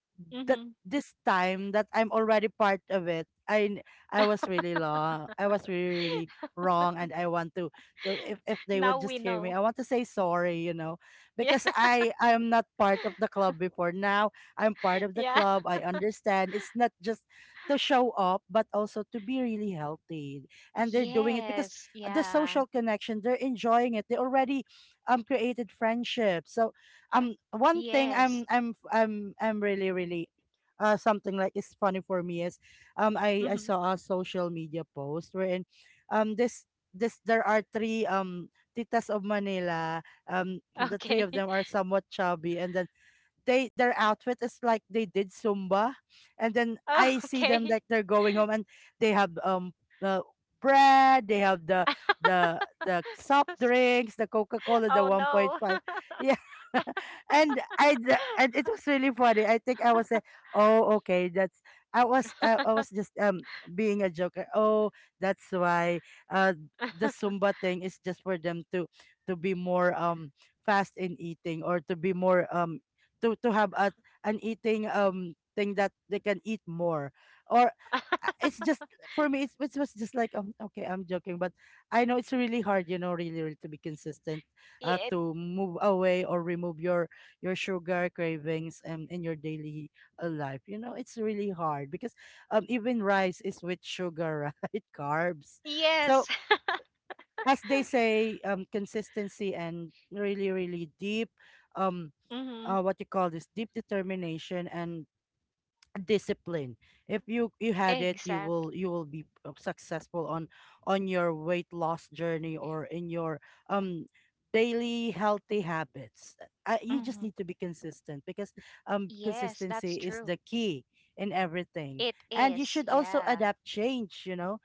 Speaker 1: that,
Speaker 2: Mhm.
Speaker 1: this time that I'm already part of it, I was really, really wrong, and I want to, if they would
Speaker 2: Now
Speaker 1: just
Speaker 2: we
Speaker 1: hear me,
Speaker 2: know.
Speaker 1: I want to say sorry, you know,
Speaker 2: Yeah.
Speaker 1: because I'm not part of the club before. Now I'm part of the
Speaker 2: Yeah.
Speaker 1: club, I understand it's not just to show up but also to be really healthy, and they're doing it because
Speaker 2: Yes.
Speaker 1: the
Speaker 2: Yeah.
Speaker 1: social connection, they're enjoying it, they already created friendships. So one thing I'm,
Speaker 2: Yes.
Speaker 1: I'm really, really something like is funny for me is, I
Speaker 2: Mhm.
Speaker 1: saw a social media post wherein um this this, there are three titas of Manila, the three
Speaker 2: Okay.
Speaker 1: of them are somewhat chubby, and then they their outfit is like they did Zumba, and then
Speaker 2: Oh,
Speaker 1: I see them
Speaker 2: okay.
Speaker 1: like they're going home, and they have the bread, they have the, soft drinks, the Coca Cola, the
Speaker 2: Oh
Speaker 1: one point
Speaker 2: no.
Speaker 1: five, yeah. And it was really funny. I think I was like, oh okay, that's, I was just being a joker. Oh, that's why uh the Zumba thing is just for them to be more fast in eating, or to be more to have a, an eating thing that they can eat more, or it's just, for me it's, it was just like okay, I'm joking, but I know it's really hard, you know, really, really to be consistent,
Speaker 2: It
Speaker 1: to move
Speaker 2: is.
Speaker 1: away or remove your sugar cravings in your
Speaker 2: Mhm.
Speaker 1: daily life. You know it's really hard because
Speaker 2: Exactly.
Speaker 1: even rice is
Speaker 2: Yeah.
Speaker 1: with sugar right, carbs.
Speaker 2: Yes.
Speaker 1: So, as they say, consistency and really, really deep um,
Speaker 2: Mm-hmm.
Speaker 1: what you call this, deep determination and discipline. If you, had it,
Speaker 2: Exactly.
Speaker 1: you will be successful on, your weight loss journey, or in your um daily healthy habits. You just
Speaker 2: Mm-hmm.
Speaker 1: need to be consistent, because
Speaker 2: Yes, that's
Speaker 1: consistency is the
Speaker 2: true.
Speaker 1: key in everything.
Speaker 2: It
Speaker 1: And you
Speaker 2: is.
Speaker 1: should also
Speaker 2: Yeah.
Speaker 1: adapt change, you know,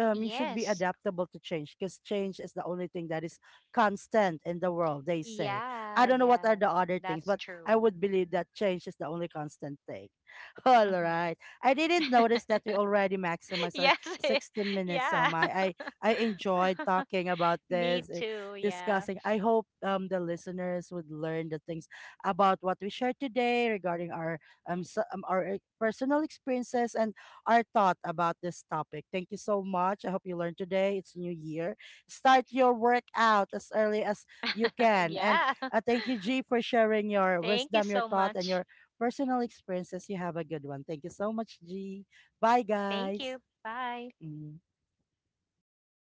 Speaker 1: you should be
Speaker 2: Yes.
Speaker 1: adaptable to change, because change is the only thing that is constant in the world, they say. I
Speaker 2: Yeah,
Speaker 1: don't know what are
Speaker 2: yeah.
Speaker 1: the other things,
Speaker 2: That's
Speaker 1: but
Speaker 2: true.
Speaker 1: I would believe that change is the only constant thing. All
Speaker 2: Mhm.
Speaker 1: right. I didn't notice that we already maximized our
Speaker 2: Yes.
Speaker 1: 60 minutes. So
Speaker 2: Yeah.
Speaker 1: my, I enjoyed talking about
Speaker 2: Me
Speaker 1: this, eh,
Speaker 2: too. Yeah.
Speaker 1: discussing. I hope the listeners would learn the things about what we shared today regarding our our personal experiences and our thought about this topic. Thank you so much. I hope you learned today. It's New Year. Start your workout as early as you can. And
Speaker 2: Yeah.
Speaker 1: thank you, G, for sharing your
Speaker 2: Thank you
Speaker 1: wisdom, your
Speaker 2: so
Speaker 1: thought, and
Speaker 2: much.
Speaker 1: your personal experiences. You have a good one. Thank you so much, G. Bye,
Speaker 2: Thank you.
Speaker 1: guys.
Speaker 2: Bye.
Speaker 1: Mhm.